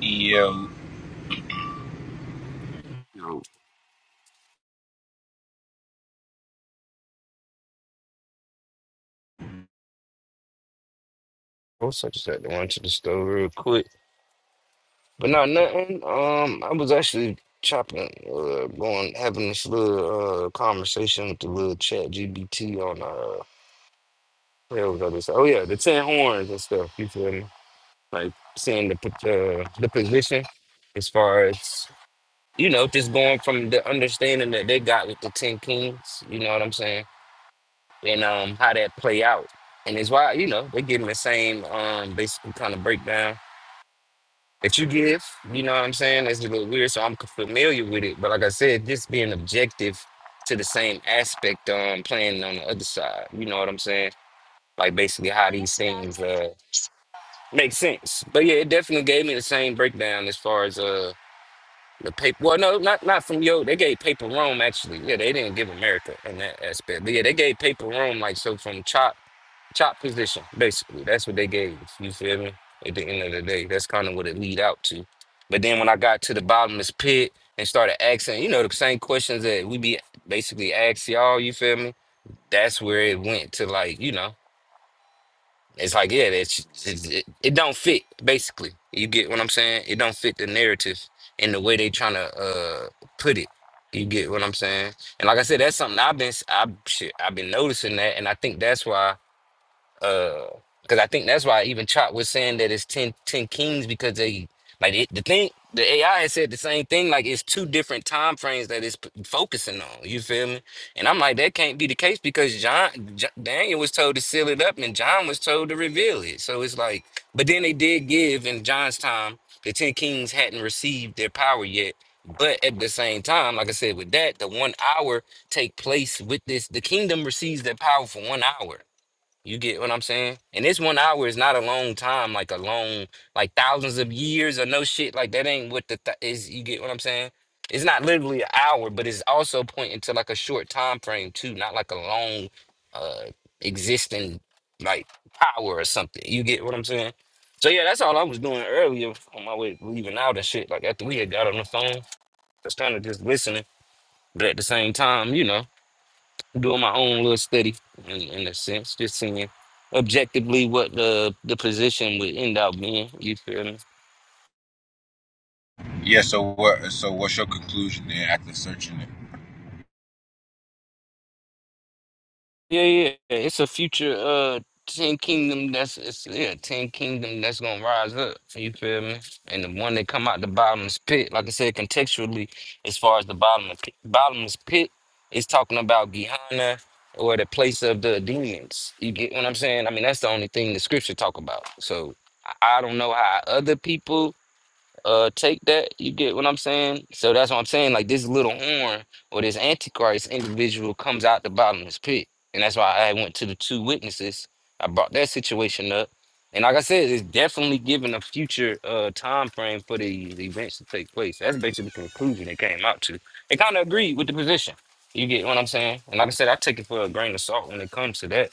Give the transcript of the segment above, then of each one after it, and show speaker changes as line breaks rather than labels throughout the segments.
Yeah,
You know, also I just had to run to the store real quick. But not nothing. Um, I was actually chopping, uh, going having this little uh conversation with the little chat GBT on uh what hell other side. Oh yeah, the ten horns and stuff. You feel me? Like seeing the po- uh, the position as far as you know, just going from the understanding that they got with the ten kings. You know what I'm saying? And um, how that play out. And it's why you know they give them the same um basic kind of breakdown that you give. You know what I'm saying? That's a little weird, so I'm c- familiar with it. But like I said, just being objective to the same aspect um playing on the other side. You know what I'm saying? Like basically how these things uh make sense. But yeah, it definitely gave me the same breakdown as far as uh the paper. Well, no, not not from yo. They gave paper Rome actually. Yeah, they didn't give America in that aspect. But yeah, they gave paper Rome like so from Chop chop position, basically. That's what they gave us. You feel me? At the end of the day, that's kind of what it lead out to. But then when I got to the bottomless pit and started asking, you know, the same questions that we be basically asking y'all, you feel me? That's where it went to like, you know, it's like, yeah, that's it's, it, it don't fit, basically. You get what I'm saying? It don't fit the narrative and the way they trying to uh, put it. You get what I'm saying? And like I said, that's something I've been, s- I, shit, I've been noticing that. And I think that's why uh, because I think that's why even Chop was saying that it's 10 10 kings because they like it, the thing. The AI has said the same thing. Like it's two different time frames that it's p- focusing on. You feel me? And I'm like, that can't be the case because John, J- Daniel was told to seal it up, and John was told to reveal it. So it's like, but then they did give in John's time. The ten kings hadn't received their power yet. But at the same time, like I said, with that, the one hour take place with this. The kingdom receives their power for one hour. You get what I'm saying? And this one hour is not a long time, like a long, like thousands of years or no shit. Like that ain't what the th is. You get what I'm saying? It's not literally an hour, but it's also pointing to like a short time frame too, not like a long, uh, existing like power or something. You get what I'm saying? So yeah, that's all I was doing earlier on my way leaving out and shit. Like after we had got on the phone, just kind of just listening, but at the same time, you know doing my own little study in, in a sense, just seeing objectively what the the position would end up being. You feel me?
yeah. So what? So what's your conclusion then after searching it?
Yeah, yeah. It's a future uh ten kingdom that's it's yeah, ten kingdom that's gonna rise up. You feel me? And the one that come out the bottomless pit, like I said, contextually, as far as the bottomless pit, bottomless pit is talking about Gehenna or the place of the demons. You get what I'm saying? I mean, that's the only thing the scripture talk about. So I I don't know how other people uh take that. You get what I'm saying? So that's what I'm saying. Like this little horn or this antichrist individual comes out the bottomless pit. And that's why I went to the two witnesses. I brought that situation up. And like I said, it's definitely given a future uh time frame for the, the events to take place. That's basically the conclusion they came out to. They kind of agreed with the position. You get what I'm saying? And like I said, I take it for a grain of salt when it comes to that.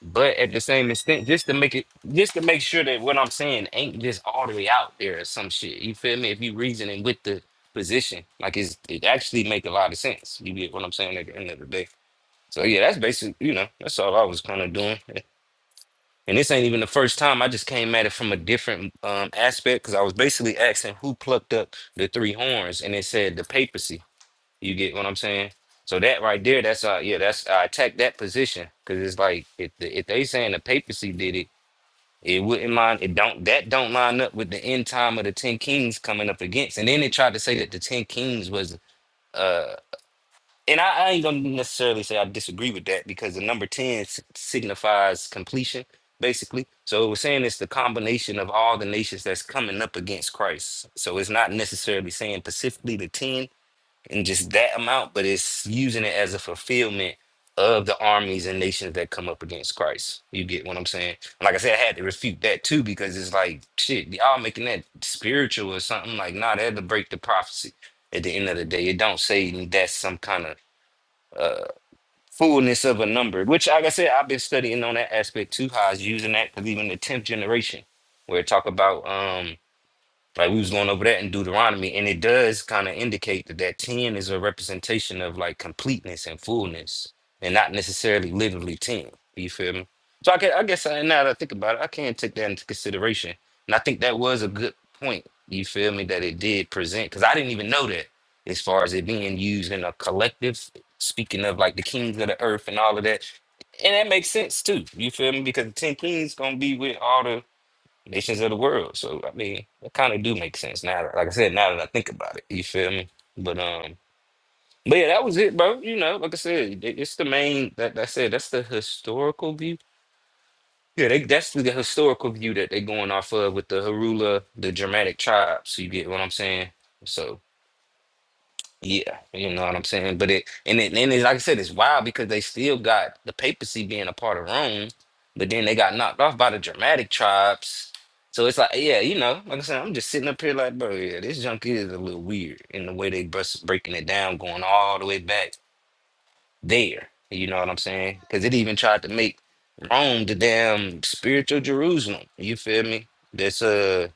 But at the same extent, just to make it, just to make sure that what I'm saying ain't just all the way out there or some shit. You feel me? If you reasoning with the position, like it's, it actually make a lot of sense. You get what I'm saying at the end of the day. So yeah, that's basically, you know, that's all I was kind of doing. And this ain't even the first time. I just came at it from a different um, aspect because I was basically asking who plucked up the three horns, and it said the papacy. You get what I'm saying? So that right there, that's uh yeah, that's I attack that position because it's like if the, if they saying the papacy did it, it wouldn't mind it don't that don't line up with the end time of the ten kings coming up against, and then they tried to say that the ten kings was uh and I, I ain't gonna necessarily say I disagree with that because the number ten s- signifies completion basically. So it was saying it's the combination of all the nations that's coming up against Christ. So it's not necessarily saying specifically the ten and just that amount, but it's using it as a fulfillment of the armies and nations that come up against Christ. You get what I'm saying? And Like I said, I had to refute that too because it's like shit, y'all making that spiritual or something. Like, nah, that'll break the prophecy at the end of the day. It don't say that's some kind of uh fullness of a number, which like I said, I've been studying on that aspect too, how I was using that because even the tenth generation where it talk about um like we was going over that in Deuteronomy, and it does kind of indicate that that ten is a representation of like completeness and fullness, and not necessarily literally ten. You feel me? So I can, I guess, I, now that I think about it, I can take that into consideration, and I think that was a good point. You feel me? That it did present because I didn't even know that as far as it being used in a collective. Speaking of like the kings of the earth and all of that, and that makes sense too. You feel me? Because the ten kings gonna be with all the nations of the world. So I mean, it kind of do make sense now. that- Like I said, now that I think about it, you feel me? But um, but yeah, that was it, bro. You know, like I said, it- it's the main that I said That's the historical view. Yeah, they, that's the historical view that they're going off of with the Harula, the Germanic tribes. You get what I'm saying? So. Yeah, you know what I'm saying. But it and it and it, like I said, it's wild because they still got the papacy being a part of Rome, but then they got knocked off by the Germanic tribes. So it's like, yeah, you know, like I said, I'm just sitting up here like, bro, yeah, this junk is a little weird in the way they bust, breaking it down, going all the way back there. You know what I'm saying? Because it even tried to make Rome the damn spiritual Jerusalem. You feel me? That's uh,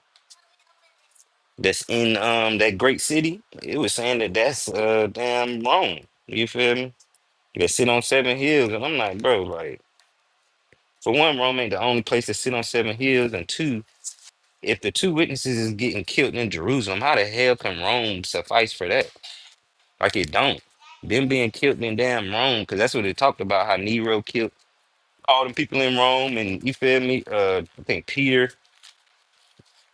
that's in um that great city, it was saying that that's uh damn Rome. You feel me? That sit on seven hills, and I'm like, bro, like for one, Rome ain't the only place to sit on seven hills, and two, if the two witnesses is getting killed in Jerusalem, how the hell can Rome suffice for that? Like it don't. Them being killed in damn Rome, because that's what they talked about. How Nero killed all them people in Rome, and you feel me? Uh, I think Peter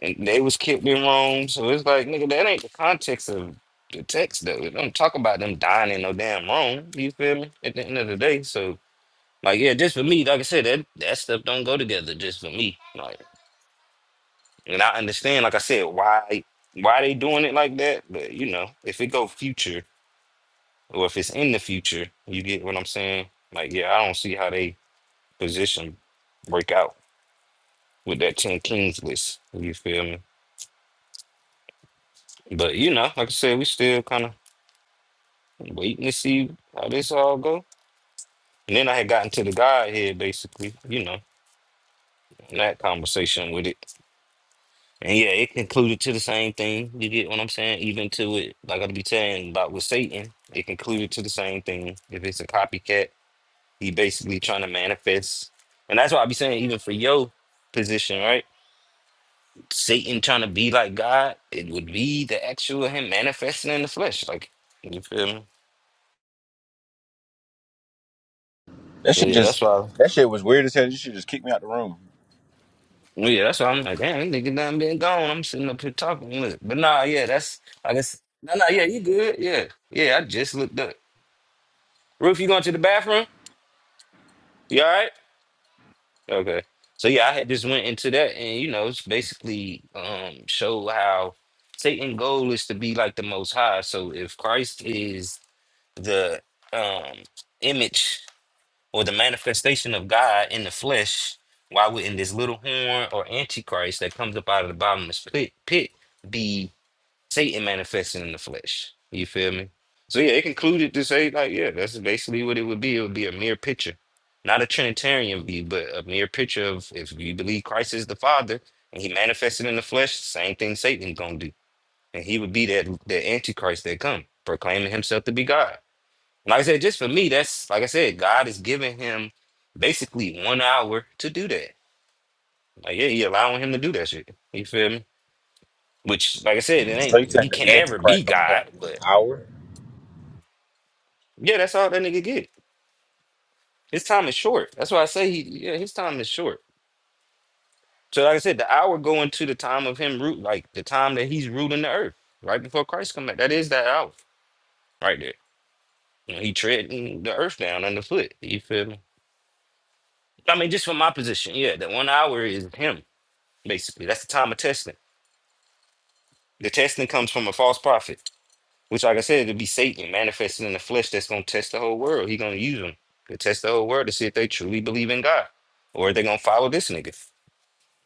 and they was kept in Rome. So it's like, nigga, that ain't the context of the text though. It don't talk about them dying in no damn Rome. You feel me? At the end of the day. So like yeah, just for me, like I said, that that stuff don't go together just for me. Like and I understand, like I said, why why they doing it like that. But you know, if it go future or if it's in the future, you get what I'm saying? Like, yeah, I don't see how they position break out with that 10 Kings list. You feel me? But you know, like I said, we still kind of waiting to see how this all go. And then I had gotten to the God here, basically, you know, and that conversation with it. And yeah, it concluded to the same thing. You get what I'm saying? Even to it, like I'll be telling about with Satan, it concluded to the same thing. If it's a copycat, he basically trying to manifest. And that's why I be saying, even for your position, right? Satan trying to be like God, it would be the actual him manifesting in the flesh. Like, you feel me?
That
So
shit
yeah, that's
just
why.
that shit was weird as hell. You should just kick me out the room.
Well, yeah, that's why I'm like, damn, this nigga done been gone. I'm sitting up here talking. Look. But nah, yeah, that's I guess no nah, nah, yeah, you good. Yeah. Yeah, I just looked up. Roof, you going to the bathroom? You all right? Okay. So yeah, I had just went into that and you know, it's basically um show how Satan's goal is to be like the most high. So if Christ is the um image or the manifestation of God in the flesh, why wouldn't this little horn or antichrist that comes up out of the bottomless pit pit be Satan manifesting in the flesh. You feel me? So yeah, it concluded to say like, yeah, that's basically what it would be. It would be a mere picture, not a Trinitarian view, but a mere picture of if you believe Christ is the Father and He manifested in the flesh, same thing Satan gonna do, and he would be that that Antichrist that come proclaiming himself to be God. And like I said, just for me, that's like I said, God is giving him basically one hour to do that. Like yeah, he allowing him to do that shit. You feel me? Which, like I said, it
So
ain't.
you saying
He
the
can never be
Antichrist only have
God,
one
but
hour?
Yeah, that's all that nigga get. His time is short. That's why I say he yeah, his time is short. So like I said, the hour going to the time of him root like the time that he's ruling the earth, right before Christ come back. That is that hour right there. When he treading the earth down underfoot. You feel me? I mean, just from my position, yeah, that one hour is him, basically. That's the time of testing. The testing comes from a false prophet, which like I said, it'll be Satan manifested in the flesh that's gonna test the whole world. He gonna use them to test the whole world to see if they truly believe in God. Or if they gonna follow this nigga.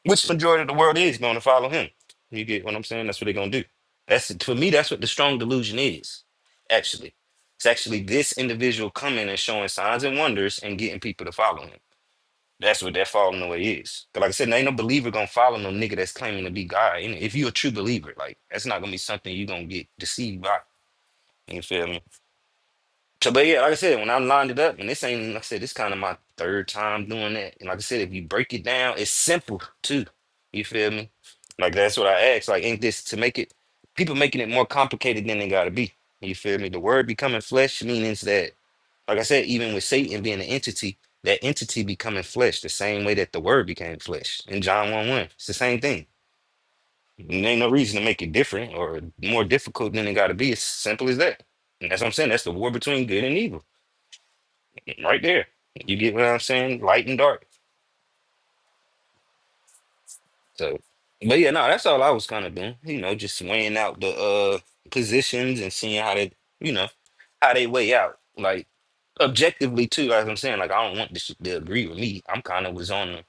which majority of the world is going to follow him. You get what I'm saying? That's what they're going to do. That's for me. That's what the strong delusion is. Actually, it's actually this individual coming and showing signs and wonders and getting people to follow him. That's what that falling away is. 'Cause Like I said, there ain't no believer gonna follow no nigga that's claiming to be God. And if you are a true believer, like that's not gonna be something you are gonna get deceived by. You feel me? So, but yeah, like I said, when I lined it up, and this ain't, like I said, this kind of my third time doing that. And like I said, if you break it down, it's simple too. You feel me? Like that's what I asked. Like, ain't this to make it? People making it more complicated than they gotta be. You feel me? The word becoming flesh means that, like I said, even with Satan being an entity, that entity becoming flesh, the same way that the word became flesh in John one one. It's the same thing. There ain't no reason to make it different or more difficult than it gotta be. It's simple as that. And that's what I'm saying. That's the war between good and evil right there. You get what I'm saying? Light and dark. So, but yeah, no, that's all I was kind of doing. You know, just weighing out the uh positions and seeing how they, you know, how they weigh out. Like objectively too, Like I'm saying, like I don't want this shit to agree with me. I'm kind of was on,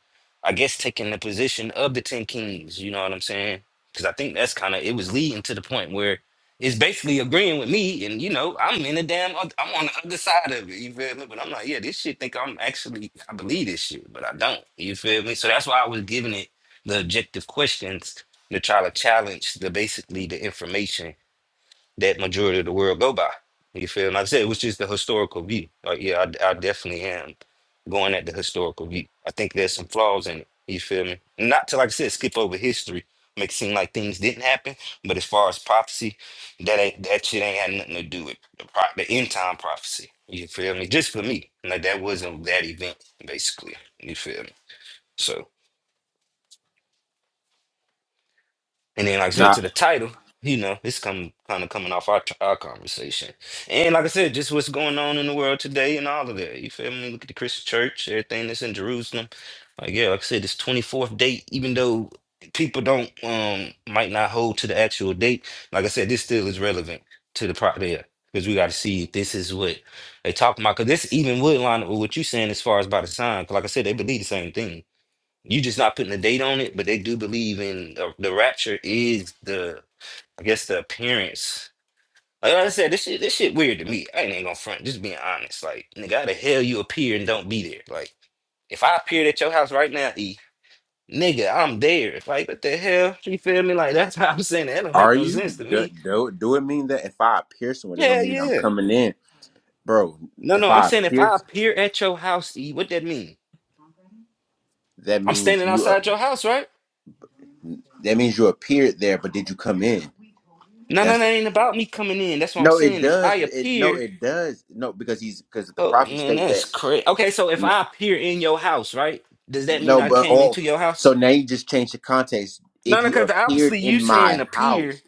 I guess, taking the position of the ten kings. You know what I'm saying? Because I think that's kind of it was leading to the point where it's basically agreeing with me, and you know, I'm in the damn, oth- I'm on the other side of it. You feel me? But I'm like, yeah, this shit think I'm actually, I believe this shit, but I don't. You feel me? So that's why I was giving it the objective questions to try to challenge the basically the information that majority of the world go by. You feel? And I said, which is the historical view. Like, yeah, I, I definitely am going at the historical view. I think there's some flaws in it. You feel me? Not to like I said, skip over history, make it seem like things didn't happen. But as far as prophecy, that ain't that shit ain't had nothing to do with the, pro- the end time prophecy. You feel me? Just for me, like that wasn't that event basically. You feel me? So. And then, like I said,
Now,
to the title, you know, it's come kind of coming off our, t- our conversation. And like I said, just what's going on in the world today and all of that. You feel me? Look at the Christian church, everything that's in Jerusalem. Like, yeah, like I said, this 24th date, even though people don't, um, might not hold to the actual date, like I said, this still is relevant to the part there. Because we got to see if this is what they talking about. Because this even would line up with what you saying as far as by the sign. Because like I said, they believe the same thing. You just not putting a date on it, but they do believe in the, the rapture is the, I guess, the appearance. Like I said, this shit, this shit weird to me. I ain't even gonna front. Just being honest, like nigga, how the hell you appear and don't be there? Like if I appeared at your house right now, E, nigga, I'm there. Like what the hell? You feel me? Like that's how I'm saying that. That don't make
are
no
you?
sense to
Do,
me.
do, do it mean that if I appear somewhere, that don't
Yeah,
mean I'm
yeah.
coming in, bro?
No,
If
no, I'm
I
saying if
appear,
I appear at your house, E, what that mean?
that
I'm
means
standing
you. Uh,
outside your house, right?
that means you appeared there, but did you come in?
No, no, that
That's
ain't about me coming in. That's what I'm
no. It
saying. If I
does. It no.
appear
It does no because he's because the
Oh
prophet
man,
states
that's
that.
crazy. Okay, so if I appear in your house, right? Does that mean
No,
I
but
came
oh,
into your
so
house?
now you just changed the context.
No,
If
no,
you
because
appeared
obviously you
in my
saying appear.
house,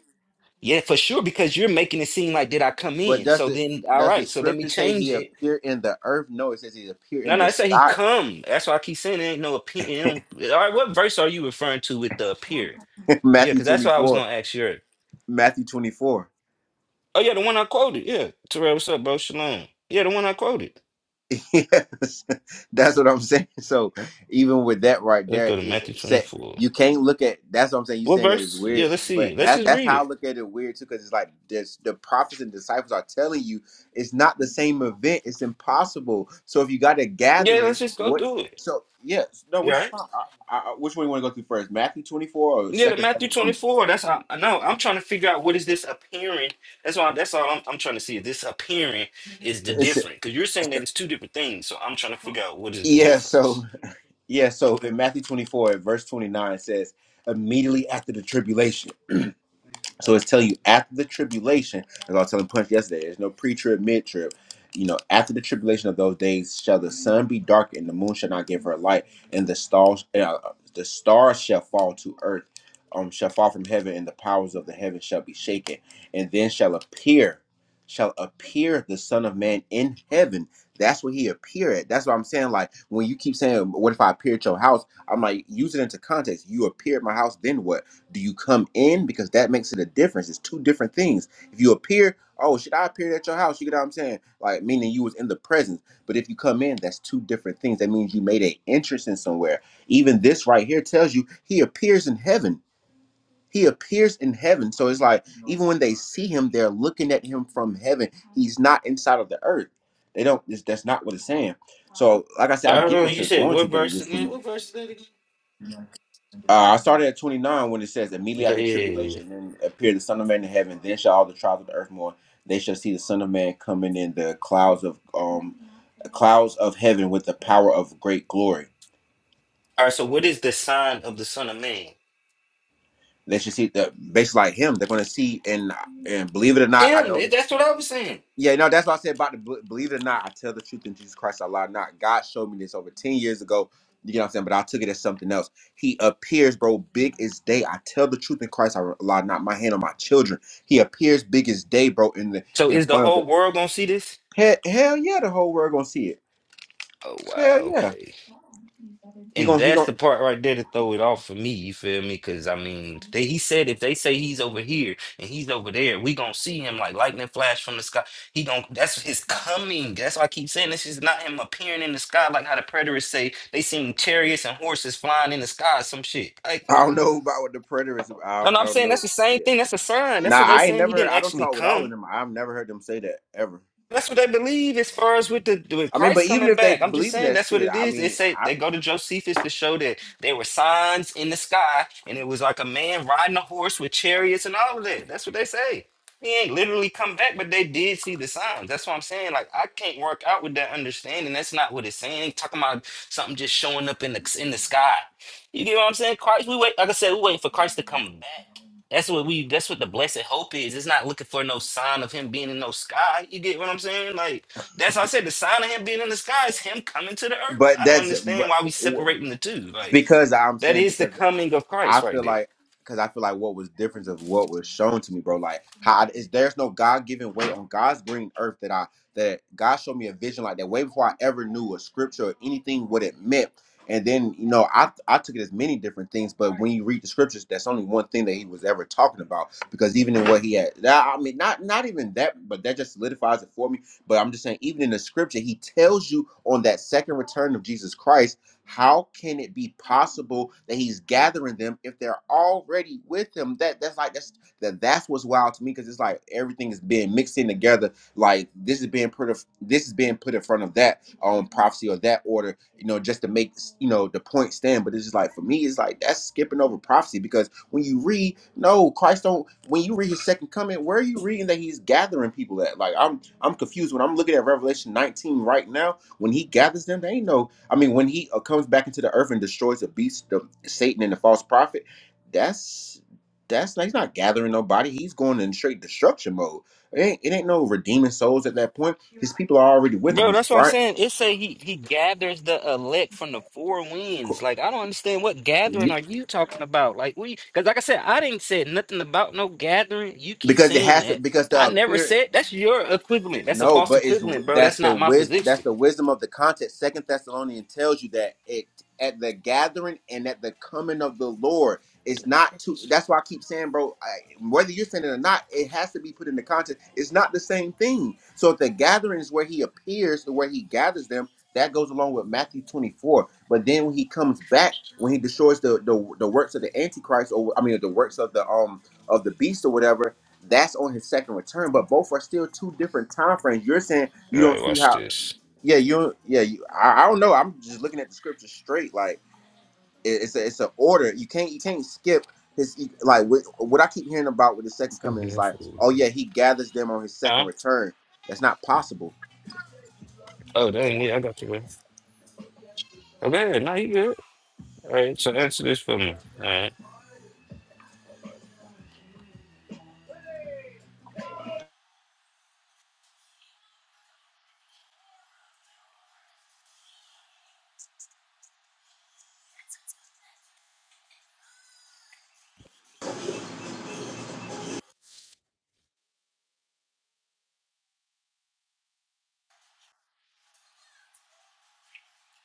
Yeah, for sure, because you're making it seem like did I come
but
in?
does
So
it
then, all
does the
right, so let me
scripture say
change
he
it.
appeared in the earth? No, it says he appeared
No,
in
no,
the
I say he
sky.
come. That's why I keep saying there ain't no appear. All right, what verse are you referring to with the appear? Yeah,
Matthew
because that's
twenty
what I was
four.
gonna ask you. earlier.
Matthew twenty four.
Oh yeah, the one I quoted. Yeah, Terrell, what's up, bro? Shalom. Yeah, the one I quoted.
yes, that's what I'm saying. So even with that right
Let's
there,
go to Matthew
it said
24.
you can't look at. That's what I'm saying. You
What
saying that is
verse? Yeah,
weird,
let's
but
see. Let's
that
just
that's
read
how I
it.
look at it weird too, because it's like this, the prophets and disciples are telling you it's not the same event. It's impossible. So if you got a
Yeah,
gathering,
let's just go
what?
through it.
So yes, no,
You all
which is
right?
fine. I, I, I- which one you want to go through first, Matthew 24 or
Yeah, the
Second
Matthew
Thessalonians?
24. That's how I know. I'm trying to figure out what is this appearing. That's why that's all I'm, I'm trying to see. If this appearing is the
It's,
different. Because you're saying that it's two different things. So I'm trying to figure out what is the
yeah. So
difference.
yeah. So in Matthew 24, verse 29 it says, immediately after the tribulation. So it's telling you after the tribulation, as I was telling Punch yesterday, there's no pre trib, mid trib. You know, after the tribulation of those days, shall the sun be dark and the moon shall not give her light, and the stars, uh, the stars shall fall to earth, um, shall fall from heaven, and the powers of the heaven shall be shaken. And then shall appear, shall appear the Son of Man in heaven. That's what he appear at. That's what I'm saying. Like when you keep saying, "What if I appear at your house?" I'm like, use it into context. You appear at my house, then what? do you come in because that makes it a difference it's two different things if you appear oh should i appear at your house you get what i'm saying like meaning you was in the presence but if you come in that's two different things that means you made an entrance in somewhere even this right here tells you he appears in heaven he appears in heaven so it's like even when they see him they're looking at him from heaven he's not inside of the earth they don't that's that's not what it's saying so like i said i
I don't
get
know.
what
You
you're
said
going to
what
but it
verse
just.
again? What verse is that again?
Uh, I started at 29 when it says, immediately after
Okay, yeah, yeah, yeah.
tribulation, then appear the Son of Man in heaven. Then shall all the tribes of the earth mourn. They shall see the Son of Man coming in the clouds of um clouds of heaven with the power of great glory.
All right, so what is the sign of the Son of Man?
They should see the basically like him. They're going to see and and believe it or not, I
Him.
know.
That's what I was saying.
Yeah, no, that's what I said about the bel- believe it or not, I tell the truth in Jesus Christ, I lie not. God showed me this over 10 years ago. You know what I'm saying? But I took it as something else. He appears, bro, big as day. I tell the truth in Christ, I lie not. My hand on my children. He appears big as day, bro, in the
So
in
is the
front of
whole
the
world gonna see this?
hell, hell yeah, the whole world gonna see it.
Oh wow,
Hell yeah.
okay.
He
And
gonna he
that's
gonna
the part right there to throw it off for me, you feel me? Cause I mean, they, he said if they say he's over here and he's over there, we gonna see him like lightning flash from the sky. He gonna that's his coming. That's why I keep saying this is not him appearing in the sky like how the preterists say they seen chariots and horses flying in the sky, some shit. Like
I
nah.
don't know about what the predator is.
No,
I,
no,
I
I'm
don't
saying that's
know.
the same
Yeah.
thing. That's a sign.
Nah,
That's what they
I ain't
saying. He
never heard
didn't
I don't
actually
talk with all of
come.
them. I've never heard them say that ever.
That's what they believe as far as with the with
I mean,
Christ
but even
coming
if they
back. I'm just
believe in
saying
that
that's what
shit,
it
I
is. They
mean,
say
I
they go to Josephus to show that there were signs in the sky and it was like a man riding a horse with chariots and all of that. That's what they say. He ain't literally come back, but they did see the signs. That's what I'm saying. Like I can't work out with that understanding. That's not what it's saying. Talking about something just showing up in the in the sky. You get what I'm saying? Christ, we wait. Like I said, we waiting for Christ to come back. That's what we. That's what the blessed hope is. It's not looking for no sign of him being in no sky. You get what I'm saying? Like that's how I said the sign of him being in the sky is him coming to the earth.
But
I don't
that's
understand
but,
why we separating the two. Like
because I'm
that
saying
is the
because
coming of
I
Christ right
feel
there,
like because I feel like what was different of what was shown to me, bro. Like how I, is there's no God given way on God's green earth that I that God showed me a vision like that way before I ever knew a scripture or anything what it meant. And then you know I I took it as many different things, but when you read the scriptures, that's only one thing that he was ever talking about. Because even in what he had, that, I mean, not not even that, but that just solidifies it for me. But I'm just saying, even in the scripture, he tells you on that second return of Jesus Christ how can it be possible that he's gathering them if they're already with him? That that's like that's that that's what's wild to me because it's like everything is being mixed in together. Like this is being put of this is being put in front of that um prophecy or that order, you know, just to make you know the point stand. But it's just like for me, it's like that's skipping over prophecy because when you read, no, Christ don't. When you read his second coming, where are you reading that he's gathering people at? Like I'm I'm confused when I'm looking at Revelation 19 right now. When he gathers them, they ain't no. I mean, when he uh, comes back into the earth and destroys the beast, the Satan and the false prophet, that's that's not, he's not gathering nobody. He's going in straight destruction mode. It ain't, it ain't no redeeming souls at that point. His people are already with him.
bro.
His
That's what I'm
bride,
saying. It say he he gathers the elect from the four winds. Like I don't understand what gathering are you talking about? Like we, because like I said, I didn't say nothing about no gathering. You keep
because it
saying
has to
that.
because the
I never
appearance.
said that's your equivalent. That's a
No,
false
but is
equivalent, bro. That's
that's the
not my
wisdom
position.
that's the wisdom of the context. Second Thessalonians tells you that it at the gathering and at the coming of the Lord is not to. That's why I keep saying, bro. I, whether you're saying it or not, it has to be put in the context. It's not the same thing. So if the gathering is where He appears or where He gathers them, that goes along with Matthew 24. But then when He comes back, when He destroys the the, the works of the Antichrist, or I mean the works of the um of the beast or whatever that's on his second return, but both are still two different time frames. You're saying
All
you don't
right,
see
watch
how?
this.
Yeah, you. don't- Yeah, you, I, I don't know. I'm just looking at the scripture straight. Like it, it's a it's an order. You can't you can't skip his e, like what, what I keep hearing about with the second
Huh?
coming is like, oh
Mhm.
yeah, he gathers them on his second return. That's not possible.
Oh, dang, yeah, I got you, man. Oh, go ahead. No, you good. All right, so answer this for me. All right.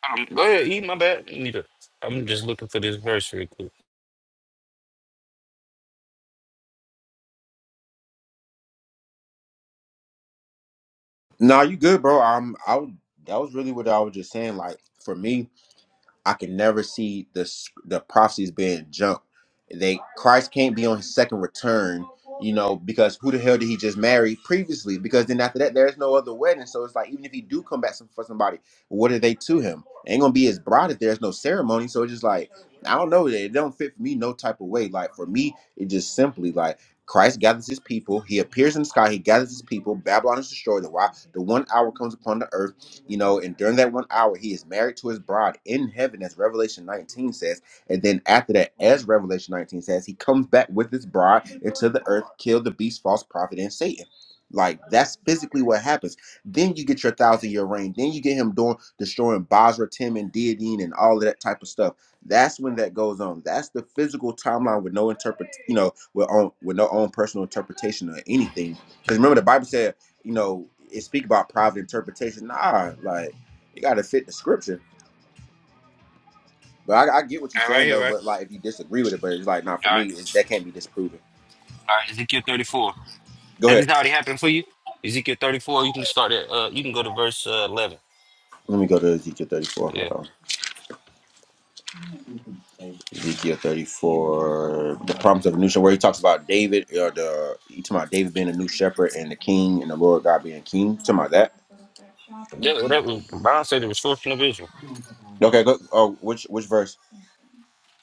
Um, go ahead, eat my bad. Neither. I'm just looking for this verse real quick.
No, you good, bro. Um, I was, that was really what I was just saying. Like for me. I can never see the s- the prophecies being jumped. They Christ can't be on his second return, you know, because who the hell did he just marry previously? Because then after that, there's no other wedding. So it's like even if he do come back some- for somebody, what are they to him? Ain't gonna be his bride if there's no ceremony. So it's just like I don't know. It don't fit for me no type of way. Like for me, it just simply like Christ gathers his people. He appears in the sky. He gathers his people. Babylon is destroyed. The why the one hour comes upon the earth you know, and during that one hour, he is married to his bride in heaven, as Revelation 19 says. And then after that, as Revelation 19 says, he comes back with his bride into the earth, kill the beast, false prophet, and Satan. Like that's physically what happens. Then you get your thousand year reign. Then you get him doing destroying Basra, Tim, and Deodine, and all of that type of stuff. That's when that goes on. That's the physical timeline with no interpret, you know, with on with no own personal interpretation or anything. Because remember, the Bible said you know, it speak about private interpretation. Nah, like it gotta fit the scripture. But I, I get what you're
All right, right
saying
here,
though.
right?
But like, if you disagree with it, but it's like not for
All
me.
right.
It's, that can't be disproven.
All right, Ezekiel 34.
Go
Has
ahead.
this already happened for you? Ezekiel 34, you can start at, uh, you can go to verse uh, 11.
Let me go to Ezekiel 34. Hold
Yeah.
on. Ezekiel 34, the promise of a new shepherd, where he talks about David, or the he talking about David being a new shepherd and the king and the Lord God being king. Talking about that.
Yeah, well, that was, Bible said the restoration of Israel.
Okay, go. Oh, which which verse?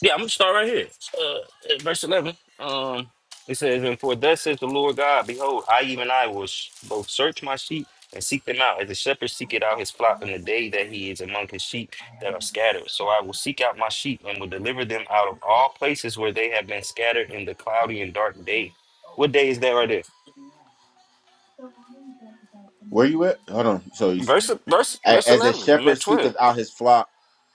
Yeah, I'm gonna start right here. Uh, at verse eleven. Um, it says, "And for thus says the Lord God, behold, I even I will sh- both search my sheep and seek them out, as a shepherd seeketh out his flock in the day that he is among his sheep that are scattered. So I will seek out my sheep and will deliver them out of all places where they have been scattered in the cloudy and dark day. What day is that right there?
Where you at? Hold on. So
Verse verse
A-
verse
As a
eleven. I'm
shepherd
at
seeketh
twelve.
out his flock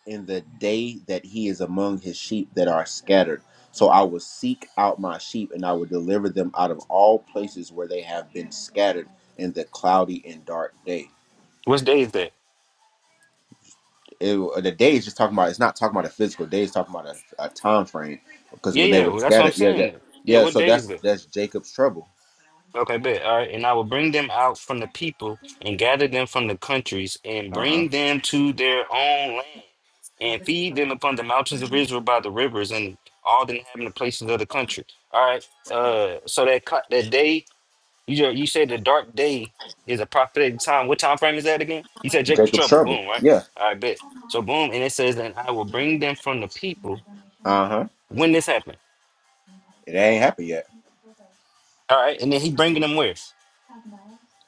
in the day that he is among his sheep that are scattered, so I will seek out my sheep and I will deliver them out of all places where they have been scattered in the cloudy and dark day.
What day is that?
It- the day is just talking about. It's not talking about a physical day. It's talking about a, a time frame because
Yeah,
when they
yeah.
were
Well, that's what I'm
scattered, yeah, that,
saying. Yeah,
yeah.
what
So
day is
that's
that?
that's Jacob's trouble.
Okay, bet. All right. And I will bring them out from the people and gather them from the countries and
Uh huh.
bring them to their own land and feed them upon the mountains of Israel by the rivers and all the inhabited places of the country. All right. Uh, so that co- that day you ju- you said the dark day is a prophetic time. What time frame is that again? You said Jacob's
Jacob's
trouble.
trouble.
Boom. Right.
Yeah.
All right. Bet. So boom, and it says, and I will bring them from the people
Uh huh.
when this happened.
It ain't happened yet
All right. And then he bringing them where?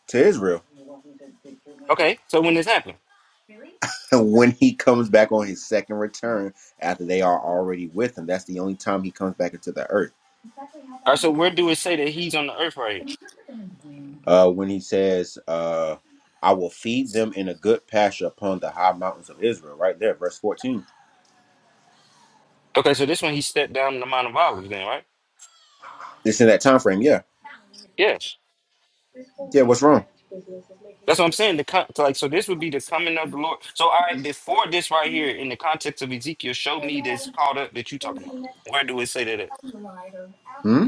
to Israel.
Okay. So when this happened.
when he comes back on his second return after they are already with him. That's the only time he comes back into the earth.
All right, so where do it say that he's on the earth right here?
Uh, when he says, uh, I will feed them in a good pasture upon the high mountains of Israel, right there, verse 14.
Okay, so this one he stepped down the Mount of Olives, then, right?
It's in that time frame, yeah.
Yes.
Yeah, what's wrong?
That's what I'm saying. The con- so, like, so this would be the coming of the Lord. So, all right, before this right here, in the context of Ezekiel, show me this called up that you talking about. Where do it say that? At?
Hmm?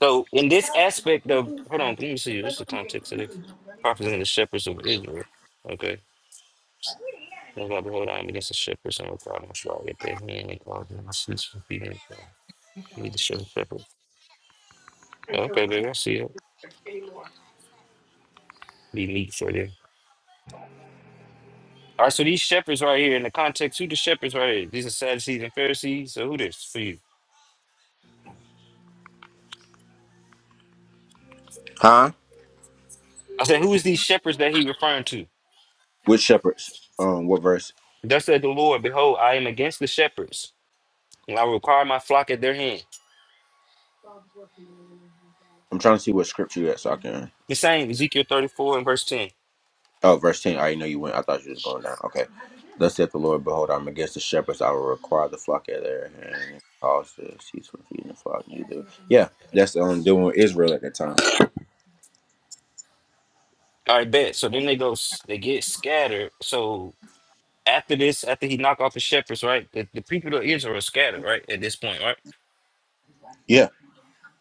So, in this aspect of, hold on, let me see. This is the context of this. Prophets and the shepherds of Israel. Okay. That's why behold, I am against the shepherds and without them shall I get their hand and cause them to cease from feeding. them. the shepherd. shepherd. Okay, baby, I see it. Be meat for them. All right, so these shepherds right here in the context, who the shepherds right here? These are Sadducees and Pharisees. So who this for you?
Huh?
I said, who is these shepherds that he referring to?
Which shepherds? Um, what verse?
Thus said the Lord, behold, I am against the shepherds, and I will require my flock at their hand.
I'm trying to see what scripture that's so I can.
The same Ezekiel 34 and verse 10.
Oh, verse 10. I already know you went. I thought you was going down. Okay. Thus saith the Lord, Behold, I'm against the shepherds. I will require the flock at their hand and cause to cease from feeding the flock. Neither. Yeah, that's um, doing Israel at that time.
All right, bet. So then they go, s- they get scattered. So after this, after he knock off the shepherds, right? The, the people of Israel are scattered, right? At this point, right?
Yeah,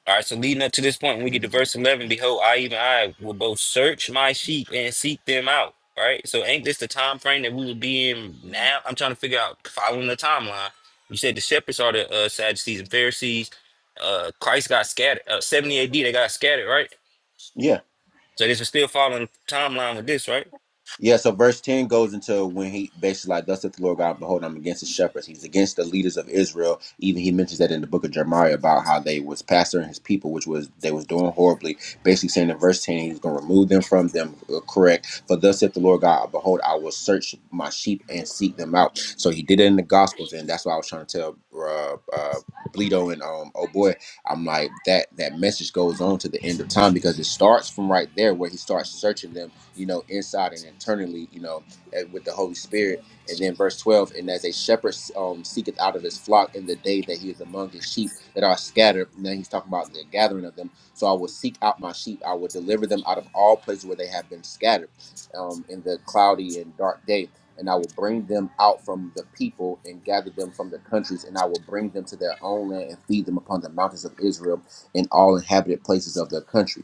All right, so leading up to this point, when we get to verse 11, behold, I, even I, will both search my sheep and seek them out. All Right? So, ain't this the time frame that we would be in now? I'm trying to figure out following the timeline. You said the shepherds are the uh, Sadducees and Pharisees. Uh, Christ got scattered. Uh, 70 AD, they got scattered, right?
yeah.
So, this is still following the timeline with this, right?
Yeah, so verse 10 goes into when he basically like, Thus saith the Lord God, behold, I'm against the shepherds. He's against the leaders of Israel. Even he mentions that in the book of Jeremiah about how they was pastoring his people, which was they was doing horribly. Basically saying in verse 10, he was gonna remove them from them. uh, Correct. For thus saith the Lord God, behold, I will search my sheep and seek them out. So he did it in the gospels, and that's why I was trying to tell uh, uh Bleedo and um oh boy, I'm like that that message goes on to the end of time because it starts from right there where he starts searching them you know, inside and internally, you know, with the Holy Spirit. And then verse 12, and as a shepherd um, seeketh out of his flock in the day that he is among his sheep that are scattered. And then he's talking about the gathering of them. So I will seek out my sheep. I will deliver them out of all places where they have been scattered um, in the cloudy and dark day. And I will bring them out from the people and gather them from the countries. And I will bring them to their own land and feed them upon the mountains of Israel and all inhabited places of their country.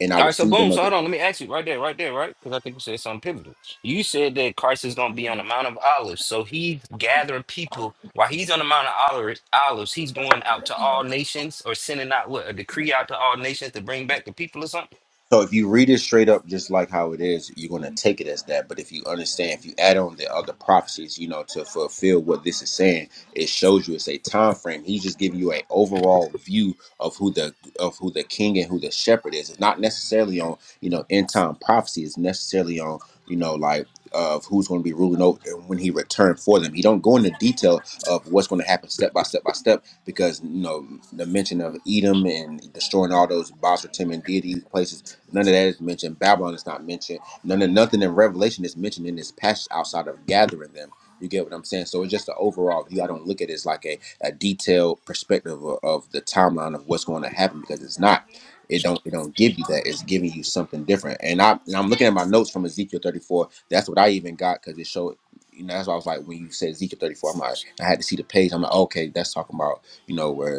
And I
All
will
right, so
feed
boom.
them.
So hold on. Let me ask you right there, right there, right? Because I think you said something pivotal. You said that Christ is going to be on the Mount of Olives. So he's gathering people. While he's on the Mount of Olives, Olives, he's going out to all nations or sending out what? A decree out to all nations to bring back the people or something?
So if you read it straight up, just like how it is, you're gonna take it as that. But if you understand, if you add on the other prophecies, you know, to fulfill what this is saying, it shows you it's a time frame. He's just giving you an overall view of who the of who the king and who the shepherd is. It's not necessarily on you know end time prophecy. It's necessarily on you know like of who's going to be ruling over and when he returned for them. He don't go into detail of what's going to happen step by step by step because you know the mention of Edom and destroying all those Basra Tim and deities places None of that is mentioned. Babylon is not mentioned. None of nothing in Revelation is mentioned in this passage outside of gathering them. You get what I'm saying? So it's just the overall view. I don't look at it as like a, a detailed perspective of, of the timeline of what's going to happen because it's not. It don't it don't give you that. It's giving you something different. And I and I'm looking at my notes from Ezekiel 34. That's what I even got because it showed. You know, that's why I was like, when you said Ezekiel 34, I'm like, I had to see the page. I'm like, okay, that's talking about you know, where.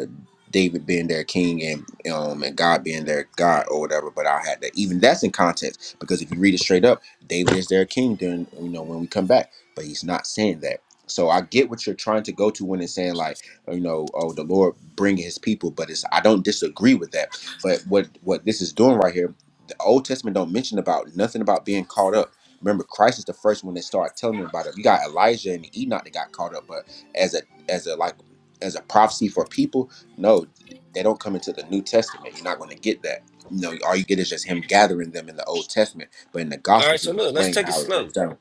David being their king and um and God being their God or whatever. But I had that even that's in context because if you read it straight up, David is their king during you know when we come back, but he's not saying that. So I get what you're trying to go to when it's saying like you know oh the Lord bring His people, but it's I don't disagree with that. But what what this is doing right here, the Old Testament don't mention about nothing about being caught up. Remember, Christ is the first one that started telling them about it. You got Elijah and Enoch that got caught up, but as a as a like as a prophecy for people no, they don't come into the New Testament. You're not going to get that. You know, all you get is just him gathering them in the Old Testament. But in the
All right,
Gospels,
so
he's
look, let's
explaining
take it
how it
slow.
breaks down.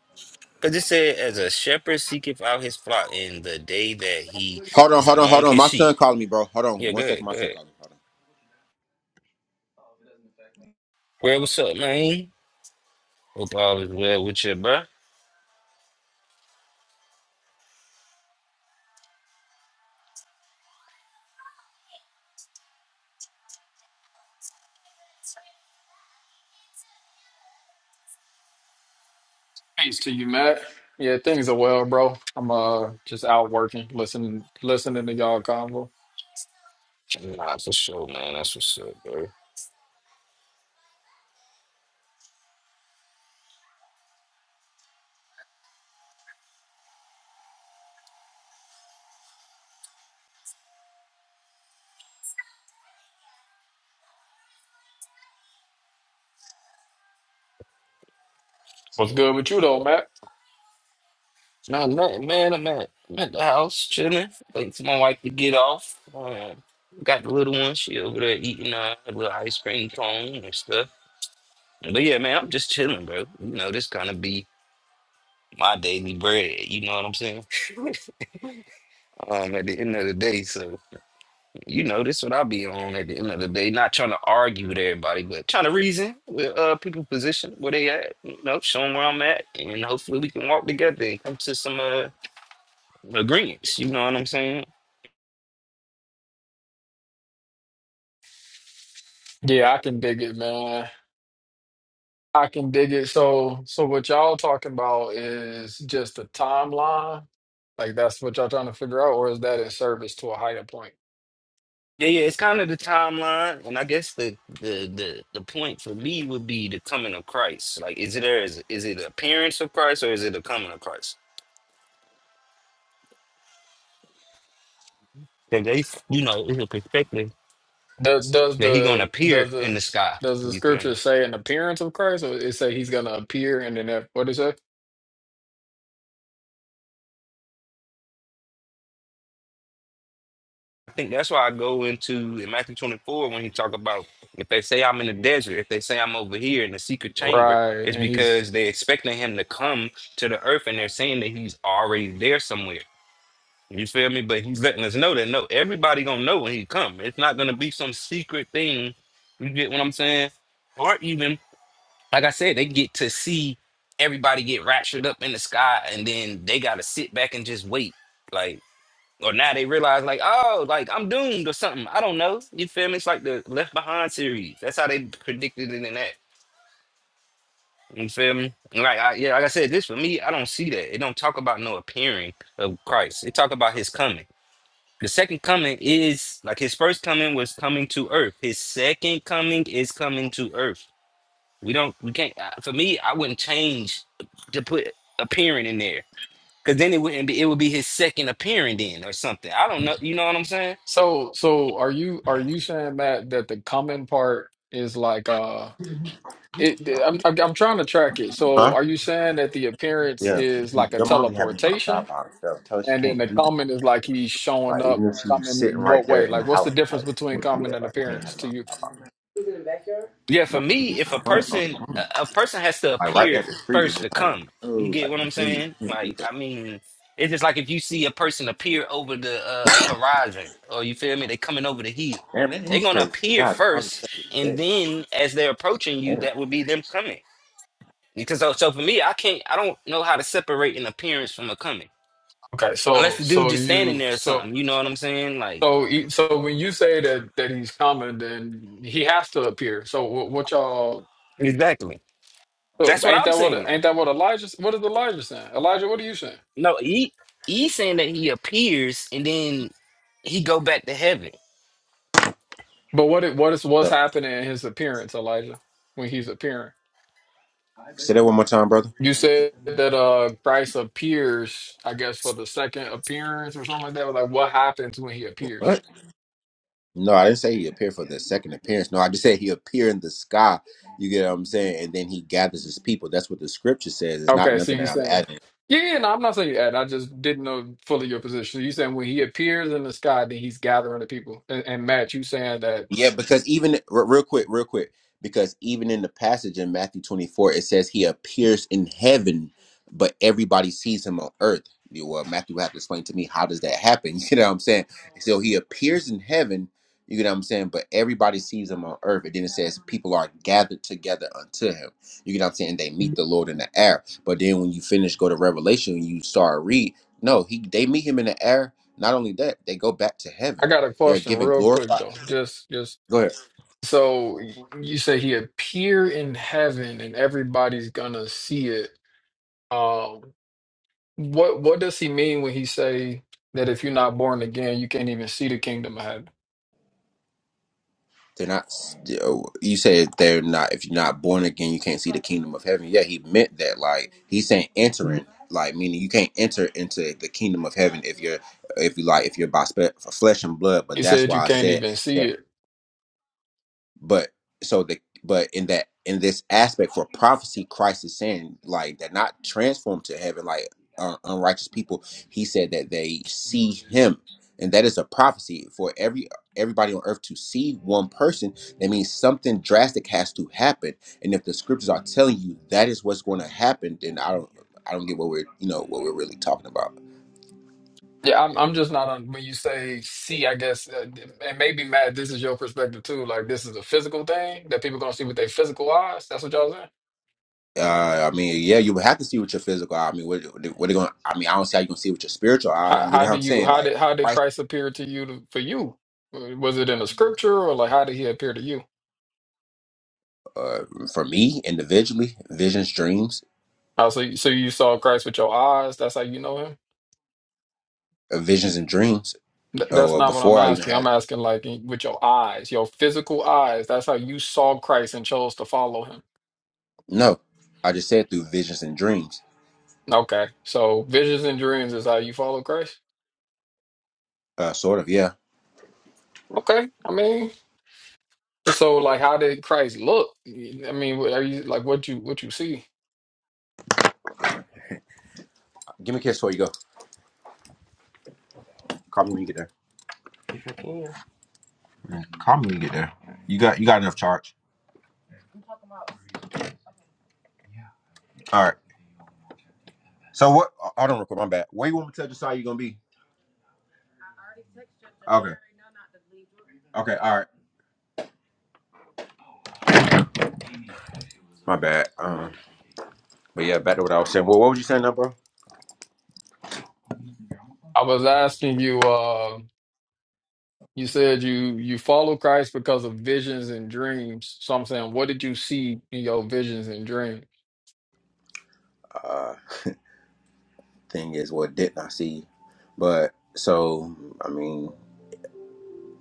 Because it said, as a shepherd seeketh out his flock in the day that he
Hold on,
is
hold on, hold
among
on.
his
My
sheep.
son calling me, bro. Hold on,
Yeah,
one
go
second.
ahead,
My
go
son
ahead.
calling me. Hold on.
Well, what's up, man? Hope all is well with you, bro.
Thanks to you, Matt. Yeah, things are well, bro. I'm uh just out working, listening listening to y'all convo.
Nah, for sure, man. That's what's up, bro.
What's good with you though, Matt?
No, man, man, I'm at, I'm at the house chilling. Wait for my wife to get off. Um, got the little one. She over there eating uh, a little ice cream cone and stuff. But yeah, man, I'm just chilling, bro. You know, this gonna be my daily bread. You know what I'm saying? um, at the end of the day, so you know, this what I'll be on at the end of the day. Not trying to argue with everybody, but trying to reason with uh people position where they at. You know, show 'em where I'm at, and hopefully we can walk together and come to some uh agreements. You know what I'm saying?
Yeah, I can dig it, man. I can dig it. So so what y'all talking about is just a timeline? Like that's what y'all trying to figure out, or is that in service to a higher point?
Yeah, yeah, it's kind of the timeline, and I guess the, the the the point for me would be the coming of Christ. Like, is it there? Is is it the appearance of Christ or is it the coming of Christ? That they, you know, it's a perspective
Does does
that he gonna
the
appear
does
in
the
the sky.
does the
You feel me?
scripture say an appearance of Christ, or it say he's gonna appear and then that, what is it?
I think that's why I go into in Matthew twenty four when he talk about if they say I'm in the desert, if they say I'm over here in the secret chamber,
Right,
it's
and he's
because they expecting him to come to the earth and they're saying that he's already there somewhere. You feel me? But he's letting us know that no, everybody gonna know when he come. It's not gonna be some secret thing. You get what I'm saying? Or even, like I said, they get to see everybody get raptured up in the sky, and then they gotta sit back and just wait. Like, or now they realize, like, oh, like I'm doomed or something. I don't know. You feel me? It's like the Left Behind series. That's how they predicted it in that. You feel me? Like, I, yeah, like I said, this for me, I don't see that. It don't talk about no appearing of Christ. It talk about his coming. The second coming is like his first coming was coming to earth. His second coming is coming to earth. We don't, we can't. uh, For me, I wouldn't change to put appearing in there because then it wouldn't be. It would be his second appearing then or something. I don't know. You know what I'm saying?
So, so are you are you saying that that the coming part is like uh it th- I'm I'm I'm trying to track it. So,
Huh?
are you saying that the appearance
Yeah.
is like a
Your mom be having him outside
teleportation
by herself. Tell her she
and then
can't
the
do that.
coming is like he's showing
Like
up
even if she's
coming
sitting
in
right
what
there
way?
in the
Like what's the
house,
difference
like you
between
can't do
coming
that.
and
Like you can't have
appearance
him
to you?
outside by herself.
Yeah, for
No, he's
me, if a
in front on the
person
phone.
a a person has to
Like right
appear
at the street, it's
first
just
to
like,
come, you
oh,
get
like
what I'm
Jimmy, you
saying?
can't do
Like,
that.
I mean, it's just like if you see a person appear over the uh, horizon, or you feel me? They coming over the hill.
Damn, that
They're
is
gonna
crazy. The
appear
guy God,
first,
God, yeah.
and then as they're approaching you,
Damn.
that would be them coming. Because so, so for me, I can't, I don't know how to separate an appearance from a coming,
Okay,
unless
so
the dude
so
just standing
you
there or
so
something. You know what I'm saying? Like,
so he- so when you say that that he's coming then he has to appear. So what, what y'all
exactly.
so
That's what
ain't
I'm
that what
saying.
ain't that what Elijah what is Elijah saying? Elijah, what are you saying?
No, he he's saying that he appears and then he go back to heaven.
But what it- what is
So,
what's happening in his appearance, Elijah, when he's appearing?
Say that one more time, brother.
You said that uh Christ appears, I guess, for the second appearance or something like that. Like what happens when he
What?
appears?
No, I didn't say he appeared for the second appearance. No, I just said he appeared in the sky. You get what I'm saying? And then he gathers his people. That's what the scripture says. It's not
Okay, so
nothing
you
that I'm
saying
adding.
Yeah, yeah, no, I'm not saying that. I just didn't know fully your position. You saying when he appears in the sky, then he's gathering the people. And, and Matt, you saying that
Yeah, because even re- real quick, real quick, because even in the passage in Matthew 24, it says he appears in heaven, but everybody sees him on earth. You- Well, Matthew would have to explain to me how does that happen? You know what I'm saying? So he appears in heaven, you know what I'm saying, but everybody sees him on earth. And then it says people are gathered together unto him. You know what I'm saying? They meet the Lord in the air. But then when you finish, go to Revelation, and you start read. No, he they meet him in the air. Not only that, they go back to
I
heaven.
got a
They're
question
given
real quick
glorified.
though. Just just
Go ahead.
so you say he appear in heaven and everybody's gonna see it. Um. What what does he mean when he say that if you're not born again, you can't even see the kingdom of heaven?
They're not. You said they're not. If you're not born again, you can't see the kingdom of heaven. Yeah, he meant that. Like he's saying, entering. Like meaning you can't enter into the kingdom of heaven if you're if you like if you're by spe- flesh and blood. But
He
that's
said you
why I
can't
said
even see it.
but so the but in that in this aspect for prophecy christ is saying like they're not transformed to heaven like uh, unrighteous people he said that they see him and that is a prophecy for every everybody on earth to see one person that means something drastic has to happen and if the scriptures are telling you that is what's going to happen then i don't i don't get what we're you know what we're really talking about
Yeah, I'm I'm just not on when you say see, I guess, uh, and maybe Matt, this is your perspective too. Like this is a physical thing that people gonna see with their physical eyes. That's what y'all saying.
Uh, I mean, yeah, you would have to see with your physical eye. I mean, what what are going? I mean, I don't see how you can see with your spiritual eye.
How
You get
how
what
do
I'm
you
saying?
how
Like,
did how did
Christ,
Christ appear to you to, for you? Was it in the scripture or like how did he appear to you?
uh, for me individually, visions, dreams,
Oh, so you- so you saw Christ with your eyes. That's how you know him.
uh, visions and dreams.
Th- That's
Or
not what I'm
before I even
asking.
had
I'm asking like in- with your eyes, your physical eyes. That's how you saw Christ and chose to follow him.
no, I just said through visions and dreams.
Okay. So visions and dreams is how you follow Christ.
Uh, sort of, yeah.
Okay. I mean, so like how did Christ look? I mean, what are you like what you what you see?
Give me a kiss before you go. Call me when you get there. Yeah, Call me when you get there. You got you got enough charge. All right. So what? Hold on, real quick. My bad. Where you want me to tell Josiah you gonna be? Okay. Okay. All right. My bad. Um. But yeah, back to what I was saying. Well, what was you saying, now, bro?
I was asking you uh you said you you follow Christ because of visions and dreams. So I'm saying, what did you see in your visions and dreams?
Uh. thing is what didn't I see? But so I mean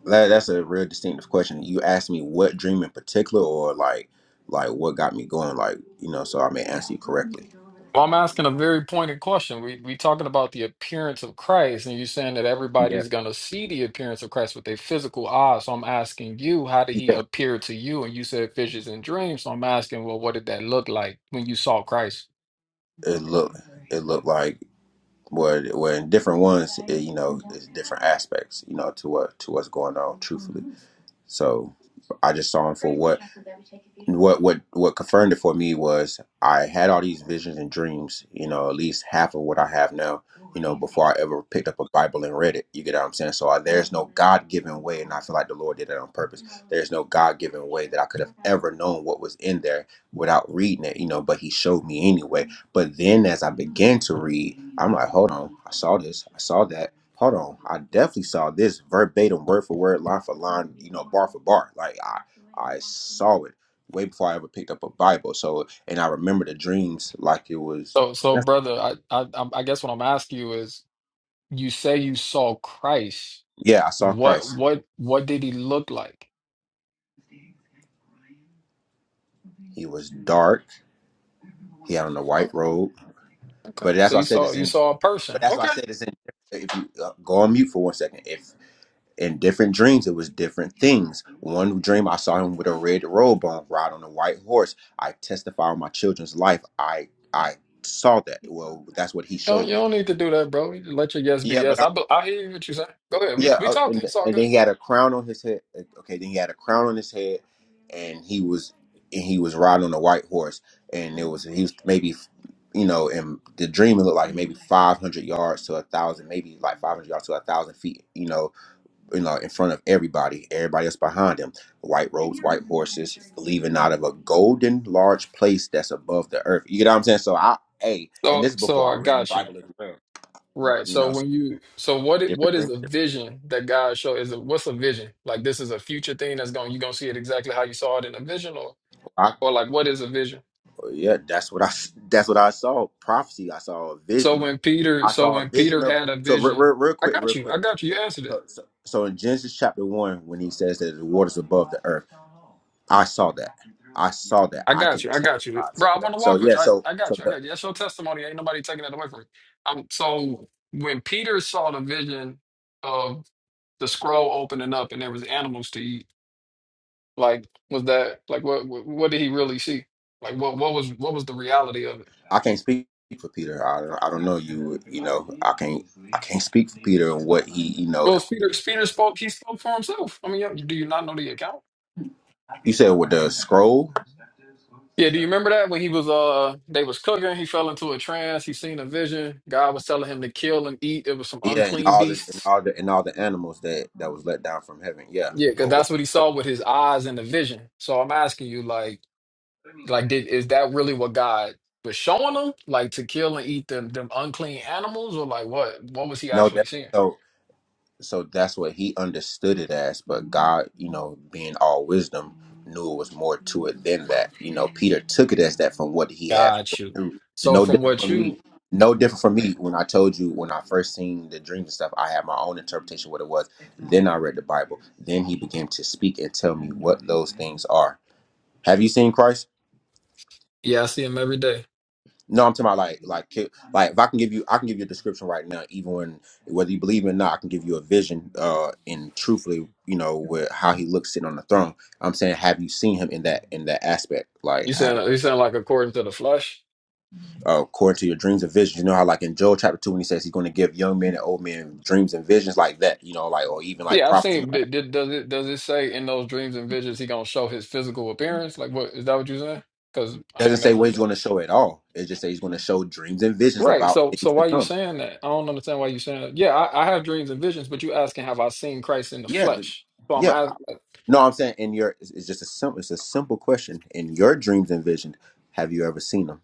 that, that's a real distinctive question. You asked me what dream in particular, or like like what got me going, like you know, so I may answer you correctly.
Well, I'm asking a very pointed question. We we talking about the appearance of Christ, and you're saying that
Yeah,
everybody's gonna see the appearance of Christ with their physical eyes. So I'm asking you, how did he
yeah.
appear to you? And you said visions and dreams. So I'm asking, well, what did that look like when you saw Christ?
It looked it looked like what well, in different ones, it, you know, it's different aspects, you know, to what to what's going on, truthfully. So I just saw him for what what what what confirmed it for me was I had all these visions and dreams, you know, at least half of what I have now you know, before I ever picked up a Bible and read it. You get what I'm saying? So I, there's no God given way, and I feel like the Lord did it on purpose. There's no God given way that I could have ever known what was in there without reading it, you know, but He showed me anyway. But then as I began to read, I'm like, hold on, I saw this, I saw that. Hold on, I definitely saw this verbatim, word for word, line for line, you know, bar for bar. Like I, I saw it way before I ever picked up a Bible. So, and I remember the dreams like it was
So so brother, I I I'm- I guess what I'm asking you is, you say you saw Christ.
yeah, I saw Christ.
What what what did he look like?
He was dark. He had on a white
Oh,
robe.
okay.
But that's
So
why
you
I said
saw
it's
you
in.
saw a
But
person.
that's why I
Okay.
said it's in. If you uh, go on mute for one second, if in different dreams it was different things. One dream I saw him with a red robe on, ride on a white horse. I testify on my children's life. I I saw that. Well, that's what he
Don't
showed
you
me.
don't need to do that, bro. You just let your yes be
Yeah, but
yes. I be- I hear what you saying. Go ahead. We
Yeah,
we
uh, and,
talking. It's all
and
good.
then he had a crown on his head. uh, Okay, then he had a crown on his head, and he was and he was riding on a white horse, and it was he was maybe, you know, in the dream it looked like maybe five hundred yards to a thousand, maybe like five hundred yards to a thousand feet, you know, you know, in front of everybody, everybody else behind him, white robes, white horses, leaving out of a golden large place that's above the earth. You get what I'm saying? So I, hey, and
So
this is
so
before
I
I read the
got you.
Bible as well,
Right.
you
So
know, so
when you so what i- what is
different,
the vision that God show? Is it what's a vision? Like this is a future thing that's going you gonna see it exactly how you saw it in a vision or
different.
or like what is a vision?
Yeah, that's what I that's what I saw. Prophecy. I saw a
So
vision.
when Peter
I
so
saw a
when
vision
Peter
of
had a
so real,
vision,
real, real
I
quick,
got
real
you. I
quick.
got you. You answered it.
So, so so in Genesis chapter one, when he says that the waters above the earth, I saw that. I saw that.
I
I
got
can
you. I got you.
testify. to
Bro, I
that.
want to
So
walk with
yeah,
you. I,
so
I
so
got you. I
the,
got you. That's your testimony. Ain't nobody taking that away from you. Um, so when Peter saw the vision, of. the scroll opening up and there was animals to eat like was that like what what, what did he really see like what what was what was the reality of it
I can't speak for Peter. I don't, I don't know you. You know, I can't I can't speak for Peter and what he you know.
well peter peter spoke he spoke for himself i mean yeah, do you not know the account
You said with the scroll,
yeah do you remember that when he was uh they was cooking he fell into a trance he seen a vision god was telling him to kill and eat it was some
yeah, and
unclean
all the and
beasts
all the and all the animals that that was let down from heaven. Yeah.
yeah because
Well, what,
that's what he saw with his eyes in the vision so i'm asking you like Like, did is that really what God was showing them? Like to kill and eat them them unclean animals, or like what? What was he
no,
actually
that.
seeing?
so so that's what he understood it as but god you know being all wisdom knew it was more to it than that you know peter took it as that from what he had
Got you. So
no
from
different
what
from me
you,
no different from me when i told you when i first seen the dreams and stuff i had my own interpretation of what it was then i read the bible then he began to speak and tell me what those things are have you seen christ
yeah, I see him every day.
No, I'm talking about like like ki- like if I can give you I can give you a description right now, even when whether you believe it or not, I can give you a vision uh and truthfully, you know, with how he looks sitting on the throne. I'm saying have you seen him in that in that aspect? Like
You
I-
saying you saying like according to the flesh?
uh, according to your dreams and visions, you know how like in Joel chapter two when he says he's gonna give young men and old men dreams and visions like that, you know, like or even like
Yeah, I've
prophets and
seen.
like
Did, did, does it does it say in those dreams and visions he gonna show his physical appearance? Like, what is that? What you saying? Because
it
I
doesn't
ain't
say
never
what
read
he's
that.
gonna show at all. It just says he's gonna show dreams and visions
Right.
about
So so
things to
why you
come.
saying that? I don't understand why you saying that. Yeah, I, I have dreams and visions, but you asking have I seen Christ in the flesh? So
Yeah,
I'm asking.
No, I'm saying in your it's it's just a simple it's a simple question. In your dreams and visions, have you ever seen them?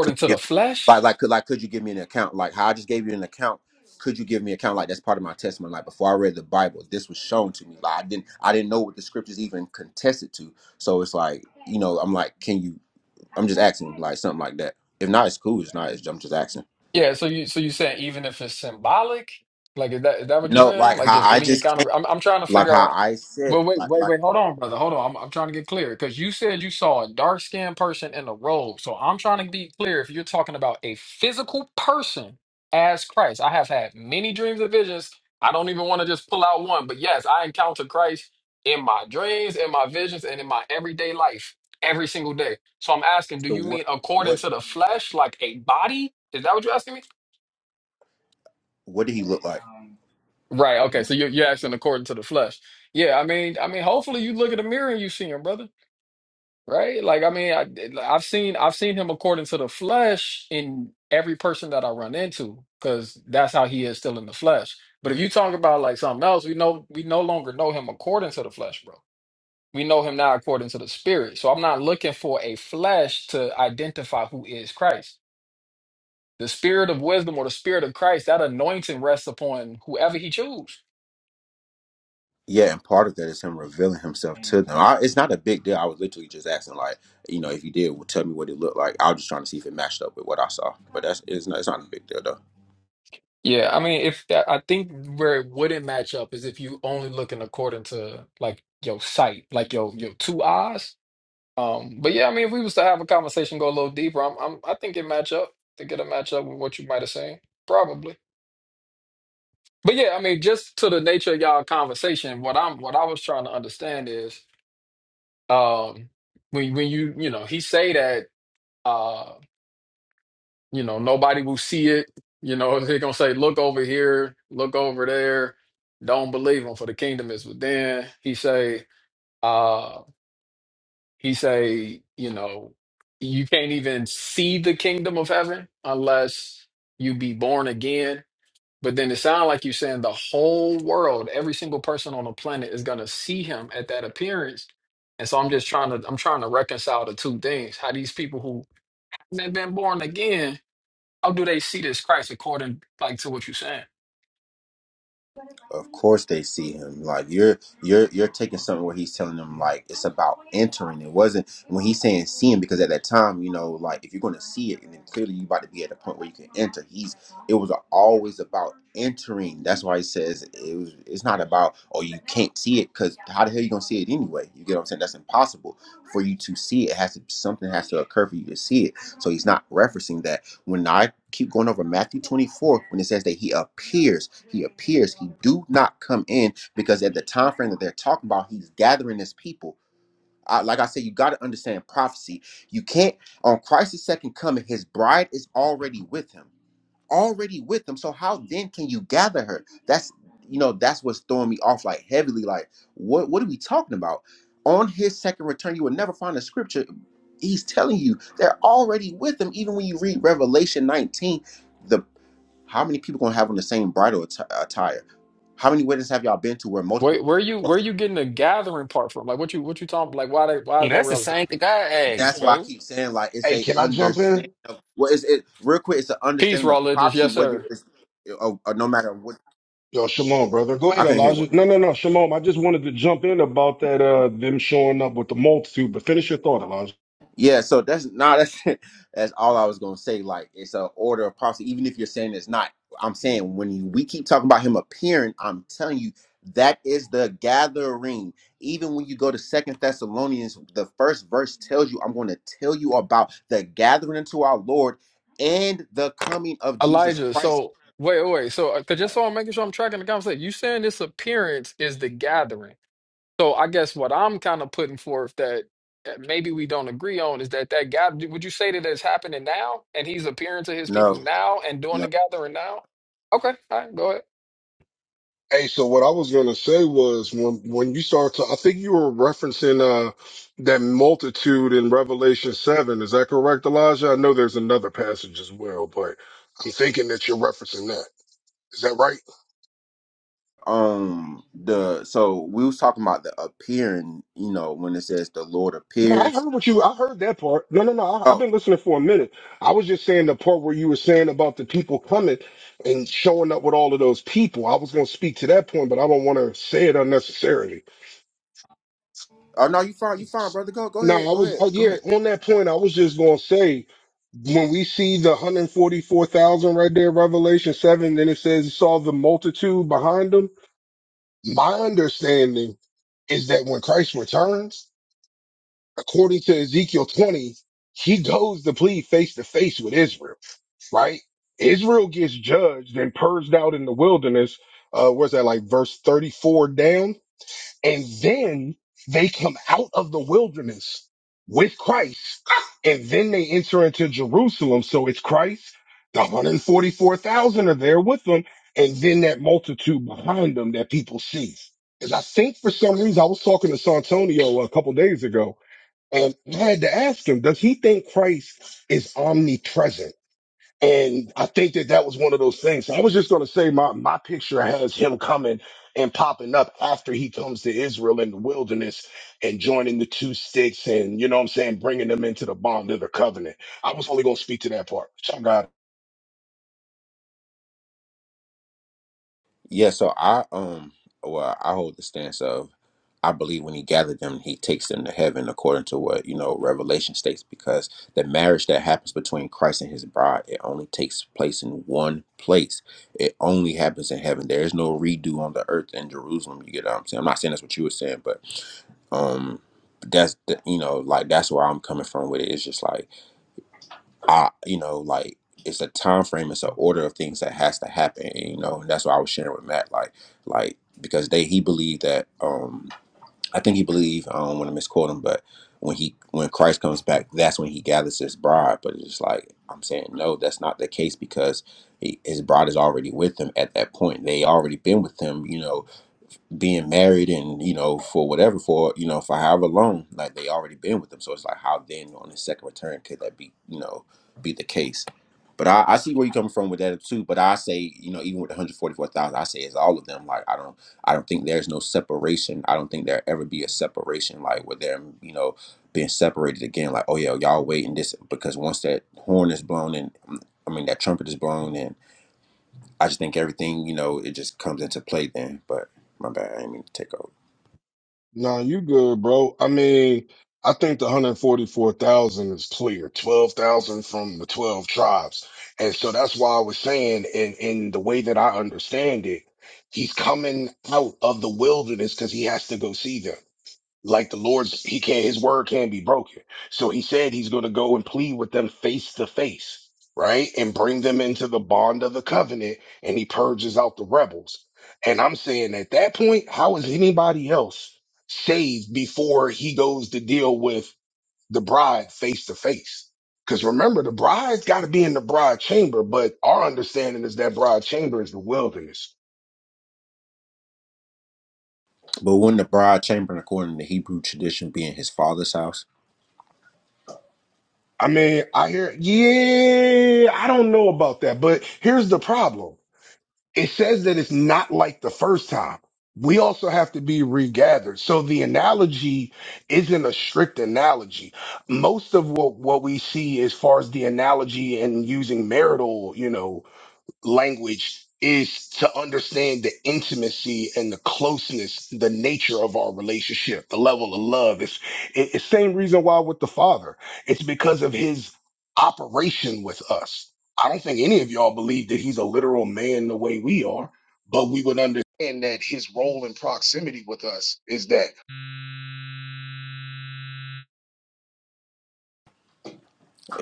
Could
to
you
the
give, me, like
flesh?
like could like could you give me an account like how I just gave you an account? Could you give me an account like that's part of my testimony? Like before I read the Bible, this was shown to me. Like I didn't I didn't know what the scriptures even contested to. So it's like you know I'm like can you? I'm just asking like something like that. If not, it's cool. It's not. It's, I'm just asking.
Yeah, so you so you saying even if it's symbolic? Like is that is that what you're
No,
saying?
like
Like
how
just
I
any
just
encounter? I'm I'm trying to
like
figure
how
out
I said,
but wait,
like
wait,
like
wait, hold on, brother. Hold on. I'm I'm trying to get clear because you said you saw a dark-skinned person in a robe. So I'm trying to be clear if you're talking about a physical person as Christ. I have had many dreams and visions. I don't even want to just pull out one, but yes, I encounter Christ in my dreams, in my visions, and in my everyday life. every single day. So I'm asking, do
so
you
what
mean according
what
to the flesh, like a body? Is that what you're asking me?
what did he look like?
Right. Okay. So you're, you're asking according to the flesh. Yeah. I mean, I mean, hopefully you look at the mirror and you see him, brother. Right. Like, I mean, I, I've seen, I've seen him according to the flesh in every person that I run into, because that's how he is still in the flesh. But if you talk about like something else, we know we no longer know him according to the flesh, bro. We know him now according to the spirit. So I'm not looking for a flesh to identify who is Christ. The spirit of wisdom or the spirit of Christ, that anointing rests upon whoever he chooses.
Yeah, and part of that is him revealing himself to them. I, it's not a big deal. I was literally just asking, like, you know, if you did, well, tell me what it looked like. I was just trying to see if it matched up with what I saw. But that's it's not it's not a big deal though.
Yeah, I mean, if that, I think where it wouldn't match up is if you only looking according to like your sight, like your your two eyes. Um, but yeah, I mean, if we was to have a conversation, go a little deeper, I'm, I'm I think it match up I Think it a match up with what you might have seen, probably. But yeah, I mean, just to the nature of y'all conversation, what I'm what I was trying to understand is, um, when when you you know he say that. Uh, You know, nobody will see it. You know, they're gonna say, "Look over here, look over there." Don't believe him, for the kingdom is within. He say, uh, he say, you know, you can't even see the kingdom of heaven unless you be born again. But then it sounds like you're saying the whole world, every single person on the planet is gonna see him at that appearance. And so I'm just trying to, I'm trying to reconcile the two things. How these people who haven't been born again how do they see this Christ according like to what you're saying?
Of course they see him. Like you're you're you're taking something where he's telling them like it's about entering. It wasn't when he's saying seeing because at that time, you know, like if you're gonna see it and then clearly you about to be at a point where you can enter. He's it was always about entering. That's why he says it was it's not about oh you can't see it because how the hell you gonna see it anyway? You get what I'm saying? That's impossible for you to see it. It has to something has to occur for you to see it. So he's not referencing that. When I keep going over Matthew 24, when it says that he appears. He appears. He do not come in because at the time frame that they're talking about, he's gathering his people. I, like I said, you got to understand prophecy. You can't on Christ's second coming. His bride is already with him already with him. So how then can you gather her? That's you know that's what's throwing me off like heavily. Like what what are we talking about? On his second return, you will never find a scripture. He's telling you they're already with him. Even when you read Revelation 19, the how many people gonna have on the same bridal atti- attire? How many weddings have y'all been to where multiple
Where
people?
where you where you getting the gathering part from? Like what you what you talking like why they, why is
And
that
that's the
relevant?
same thing I
What you
asked,
That's why
saying?
I
bro.
keep saying like it's
Hey,
a
can I jump
understanding
in?
of what is it real quick. It's an
Peace,
understanding
raw
of
religious,
prophecy,
yes
whether
sir.
it's uh, uh, no matter what.
Yo, Shalom, brother. Go
I
ahead,
can hear.
Elijah. No, no, no, Shalom. I just wanted to jump in about that uh them showing up with the multitude, but finish your thought, Elijah.
Yeah, so that's not that's that's all I was gonna say. Like it's a order of prophecy. Even if you're saying it's not, I'm saying when you, we keep talking about him appearing, I'm telling you that is the gathering. Even when you go to Second Thessalonians, the first verse tells you, "I'm going to tell you about the gathering into our Lord and the coming of Jesus
Elijah,
Christ."
so wait, wait, so uh, 'cause just so I'm making sure I'm tracking the conversation, you saying this appearance is the gathering. So I guess what I'm kind of putting forth that, that maybe we don't agree on is that that God would you say that it's happening now and he's appearing to his
No,
people now and doing
no.
the gathering now? Okay, all right, go ahead.
Hey, so what I was gonna say was when when you start to, I think you were referencing uh that multitude in Revelation seven. Is that correct, Elijah? I know there's another passage as well, but I'm thinking that you're referencing that. Is that right?
Um, the so we was talking about the appearing. You know, when it says the Lord
No, I
appears.
heard what you. I heard that part. No, no, no. I, I've
Oh,
been listening for a minute. I was just saying the part where you were saying about the people coming and showing up with all of those people. I was going to speak to that point, but I don't want to say it unnecessarily.
Oh no, you fine, you fine, brother. Go, go
No, I
ahead, go
was.
ahead,
Uh,
go
yeah,
ahead.
on that point, I was just going to say when we see the hundred forty-four thousand right there, Revelation seven, then it says it saw the multitude behind them. My understanding is that when Christ returns. according to Ezekiel 20, he goes to plead face to face with Israel, right? Israel gets judged and purged out in the wilderness. Uh, where's that like verse 34 down? And then they come out of the wilderness with Christ and then they enter into Jerusalem. So it's Christ, the 144,000 are there with them. And then that multitude behind them that people see. Cause I think for some reason, I was talking to Santonio a couple days ago and I had to ask him, does he think Christ is omnipresent? And I think that that was one of those things. So I was just going to say my, my picture has him coming and popping up after he comes to Israel in the wilderness and joining the two sticks and, you know what I'm saying, bringing them into the bond of the covenant. I was only going to speak to that part. Y'all got it.
Yeah, so I um, well, I hold the stance of, I believe when he gathered them, he takes them to heaven according to what you know Revelation states, because the marriage that happens between Christ and His bride, it only takes place in one place. It only happens in heaven. There is no redo on the earth in Jerusalem. You get what I'm saying? I'm not saying that's what you were saying, but um, that's the, you know like that's where I'm coming from with it. It's just like I, you know, like it's a time frame, it's an order of things that has to happen, and, you know, and that's what I was sharing with Matt, like, like because they he believed that, um, I think he believed, I don't want to misquote him, but when he when Christ comes back, that's when he gathers his bride. But it's just like I'm saying, no, that's not the case because he, his bride is already with him at that point. They already been with him, you know, being married and you know for whatever for you know for however long like they already been with them so it's like how then on the second return could that be you know be the case but I, I see where you're coming from with that too but i say you know even with 144000 i say it's all of them like i don't i don't think there's no separation i don't think there ever be a separation like with them you know being separated again like oh yeah y'all waiting this because once that horn is blown and i mean that trumpet is blown and I just think everything, you know, it just comes into play then. But my bad, I didn't mean to take over.
No, you good, bro. I mean, I think the 144,000 is clear, 12,000 from the 12 tribes. And so that's why I was saying, in, in the way that I understand it, he's coming out of the wilderness because he has to go see them like the Lord's he can't his word can't be broken. So he said he's going to go and plead with them face to face, right? And bring them into the bond of the covenant and he purges out the rebels. And I'm saying at that point, how is anybody else saved before he goes to deal with the bride face to face? Because remember, the bride's got to be in the bride chamber, but our understanding is that bride chamber is the wilderness.
But when the bride chamber, according to Hebrew tradition, being his father's house,
I mean, I hear, yeah, I don't know about that, but here's the problem. it says that it's not like the first time. We also have to be regathered. So the analogy isn't a strict analogy. Most of what, what we see as far as the analogy and using marital, you know, language is to understand the intimacy and the closeness, the nature of our relationship, the level of love. It's it- it's same reason why with the Father. It's because of his operation with us. I don't think any of y'all believe that he's a literal man the way we are, but we would understand that his role in proximity with us is that.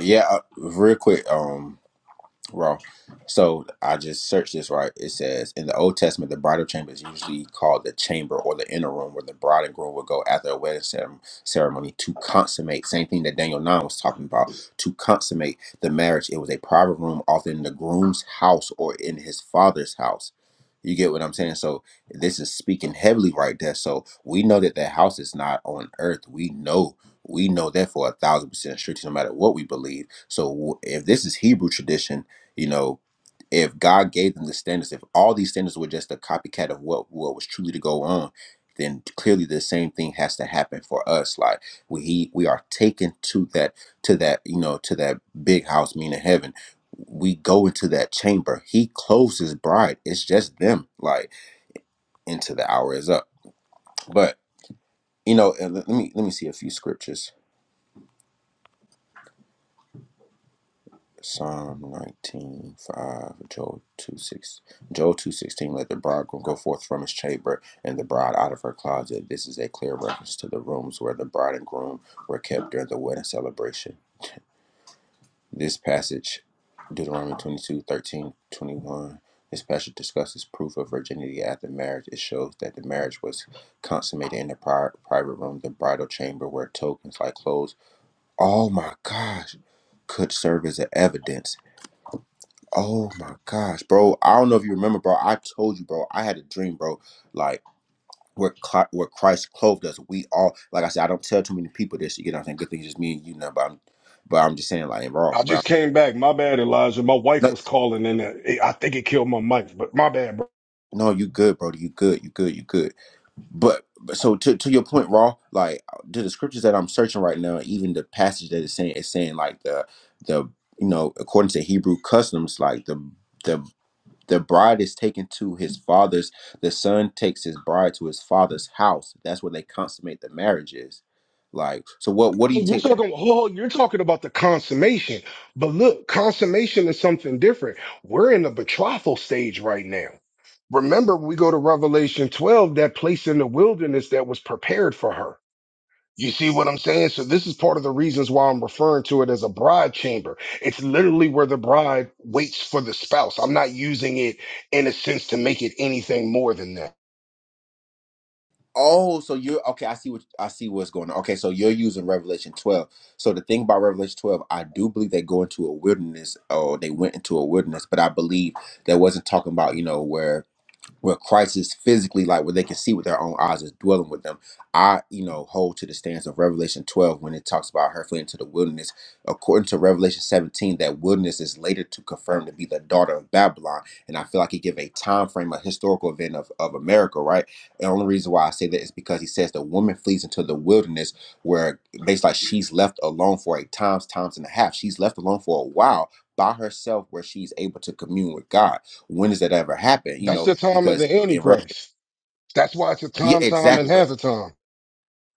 yeah. uh, Real quick, Um. Raw. So I just searched this right. It says in the Old Testament, the bridal chamber is usually called the chamber or the inner room where the bride and groom would go after a wedding cerem- ceremony to consummate. Same thing that Daniel 9 was talking about to consummate the marriage. It was a private room, often in the groom's house or in his father's house. You get what I'm saying? So this is speaking heavily right there. So we know that that house is not on earth. We know. We know that for a thousand percent sure, no matter what we believe. So w- if this is Hebrew tradition, you know, if God gave them the standards, if all these standards were just a copycat of what what was truly to go on, then clearly the same thing has to happen for us. Like we he, we are taken to that to that you know to that big house, meaning heaven. We go into that chamber. He clothes his bride. It's just them. Like into the hour is up. But you know, and let let me let me see a few scriptures Psalm 19 5, Joel 2, 6, Joel 2 16. let the bridegroom go forth from his chamber and the bride out of her closet. This is a clear reference to the rooms where the bride and groom were kept during the wedding celebration. This passage, Deuteronomy twenty two thirteen twenty one, 13, this passage discusses proof of virginity after marriage. It shows that the marriage was consummated in the pri- private room, the bridal chamber, where tokens like clothes, oh my gosh, could serve as an evidence Oh my gosh, bro! I don't know if you remember, bro. I told you, bro. I had a dream, bro. Like where Cli- where Christ clothed us. We all, like I said, I don't tell too many people this. You get what I'm saying? Good thing it's just me and you now, but I'm, but I'm just saying, like, raw.
I
But I'm,
just came back. My bad, Elijah. My wife
no,
was calling and uh, it- I think it killed my mic, but my bad,
no, you good, bro. You good. You good. You good. But, but so to to your point, raw. Like to the scriptures that I'm searching right now, even the passage that is saying is saying like the the you know according to Hebrew customs, like the the the bride is taken to his father's the son takes his bride to his father's house that's where they consummate the marriages like so what what do
Oh,
you
You're
take that
talking, oh, you're talking about the consummation. But look, consummation is something different. We're in the betrothal stage right now. Remember, we go to Revelation 12, that place in the wilderness that was prepared for her. You see what I'm saying? So this is part of the reasons why I'm referring to it as a bride chamber. It's literally where the bride waits for the spouse. I'm not using it in a sense to make it anything more than that.
oh so you're okay i see what i see what's going on okay so you're using revelation 12 so the thing about revelation 12 i do believe they go into a wilderness or they went into a wilderness but i believe that wasn't talking about you know where where Christ is physically like where they can see with their own eyes is dwelling with them. I, you know, hold to the stance of Revelation 12 when it talks about her fleeing to the wilderness. According to Revelation 17, that wilderness is later to confirm to be the daughter of Babylon. And I feel like he give a time frame, a historical event of, of America, right? The only reason why I say that is because he says the woman flees into the wilderness where basically like she's left alone for a times, times and a half. She's left alone for a while by herself where she's able to commune with God when does that ever happen? You
That's
know,
the time of
because
the
in Revel-
Antichrist. That's why it's a
yeah,
time, time,
exactly.
and half
But
a time.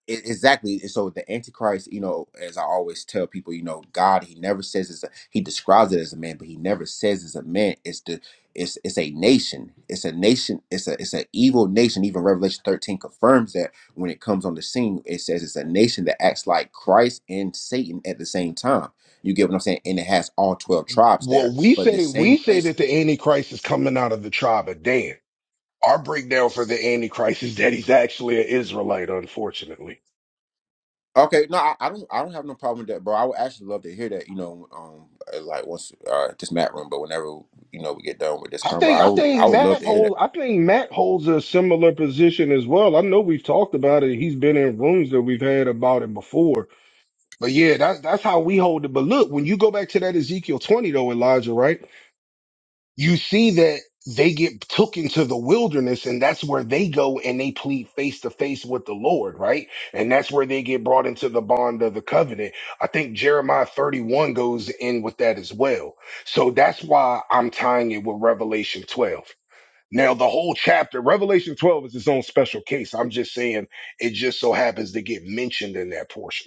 e- exactly. and So the Antichrist, you know, as I always tell people, you know, God, he never says it's a, he describes it as a man, but he never says it's a man. It's the it's it's a nation. It's a nation. It's a it's an evil nation. Even Revelation thirteen confirms that when it comes on the scene, it says it's a nation that acts like Christ and Satan at the same time. You get what I'm saying? And it has all twelve tribes there.
Well, we
But the
say
same
we say
place
that the Antichrist is coming out of the tribe of Dan. Our breakdown for the Antichrist is that he's actually an Israelite, unfortunately.
Okay, no, I, I don't. I don't have no problem with that, bro. I would actually love to hear that. You know, um, uh, like once uh, this mat room, but whenever you know we get done with this
I
convo,
think
I
I
would. I
think
would love
Matt
to hear that.
holds I think Matt holds a similar position as well. I know we've talked about it. He's been in rooms that we've had about it before. But yeah, that's that's how we hold it. But look, when you go back to that Ezekiel 20 though, Elijah, right? you see that they get took into the wilderness and that's where they go and they plead face to face with the Lord, right? And that's where they get brought into the bond of the covenant. I think Jeremiah 31 goes in with that as well. So that's why I'm tying it with Revelation 12. Now, the whole chapter, Revelation 12 is its own special case. I'm just saying it just so happens to get mentioned in that portion.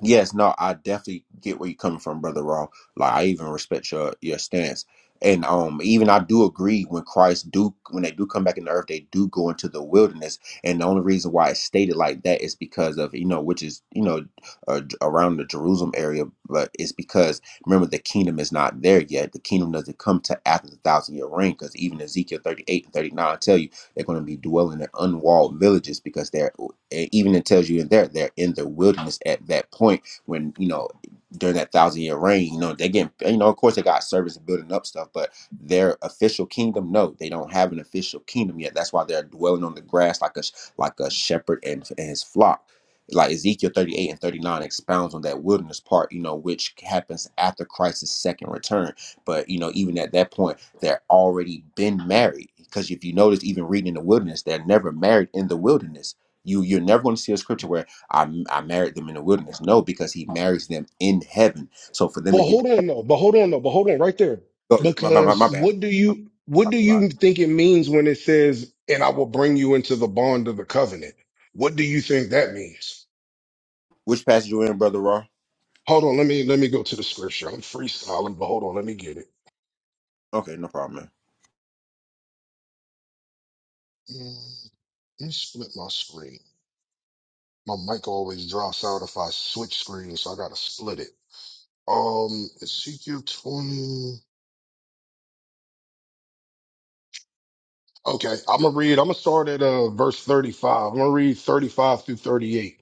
Yes, no, I definitely get where you're coming from, brother Raw. Like I even respect your your stance, and um, even I do agree when Christ do when they do come back in the earth, they do go into the wilderness, and the only reason why it's stated like that is because of you know which is you know uh, j- around the Jerusalem area, but it's because remember the kingdom is not there yet. The kingdom doesn't come to after the thousand year reign, because even Ezekiel 38 and 39 tell you they're going to be dwelling in unwalled villages because they're even it tells you in there they're in the wilderness at that point when you know during that thousand year reign. You know they get you know of course they got servants and building up stuff, but their official kingdom no, they don't have an official kingdom yet. That's why they're dwelling on the grass like a like a shepherd and, and his flock like Ezekiel 38 and 39 expounds on that wilderness part, you know, which happens after Christ's second return. But, you know, even at that point, they're already been married. Because if you notice, even reading in the wilderness, they're never married in the wilderness. You you're never going to see a scripture where I I married them in the wilderness. No, because he marries them in heaven. So for them to
Well,
get
hold on though. But hold on though. But hold on right there.
oh, my, my, my my
Because
bad, bro.
what do you what
Talk
do
a lot.
you think it means when it says, "And I will bring you into the bond of the covenant"? What do you think that means?
Which passage you in, brother Raw?
Hold on. Let me let me go to the scripture. I'm freestyling, but hold on. Let me get it.
Okay, no problem, man.
Mm, Let me split my screen. My mic always drops out if I switch screens, so I gotta split it. Um, Ezekiel 20. Okay, I'm gonna read. I'm gonna start at uh, verse 35. I'm gonna read 35 through 38.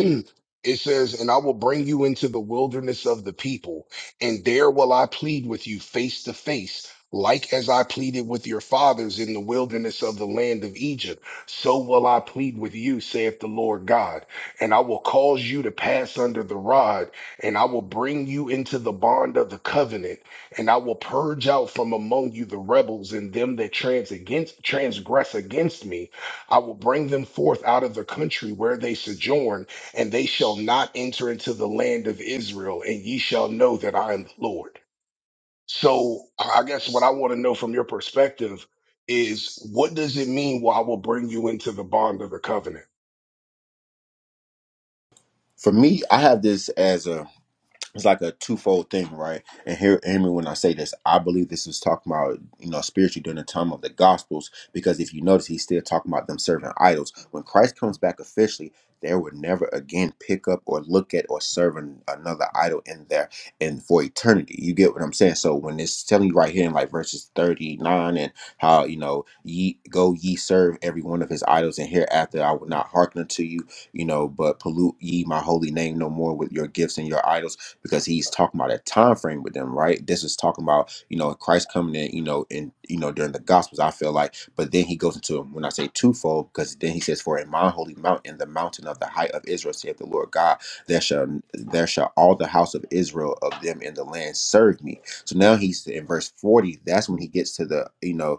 it says, "And I will bring you into the wilderness of the people, and there will I plead with you face to face, like as I pleaded with your fathers in the wilderness of the land of Egypt. So will I plead with you, saith the Lord God, and I will cause you to pass under the rod, and I will bring you into the bond of the covenant." And I will purge out from among you the rebels and them that trans against, transgress against me. I will bring them forth out of the country where they sojourn, and they shall not enter into the land of Israel, and ye shall know that I am the Lord. So I I guess what I want to know from your perspective is what does it mean, well, I will bring you into the bond of the covenant?
For me, I have this as a it's like a twofold thing, right? And hear, hear me when I say this. I believe this is talking about, you know, spiritually during the time of the Gospels, because if you notice, he's still talking about them serving idols. When Christ comes back officially, they will never again pick up or look at or serve an, another idol in there and for eternity. You get what I'm saying? So when it's telling you right here in like verses 39 and how, you know, ye go ye serve every one of his idols, and hereafter I will not hearken unto you you know, but pollute ye my holy name no more with your gifts and your idols because he's talking about a time frame with them, right? This is talking about you know Christ coming in, you know, in you know during the Gospels. I feel like, but then he goes into when I say twofold because then he says, "For in my holy mountain, the mountain of the height of Israel, saith the Lord God, there shall there shall all the house of Israel of them in the land serve me." So now he's in verse forty. That's when he gets to the you know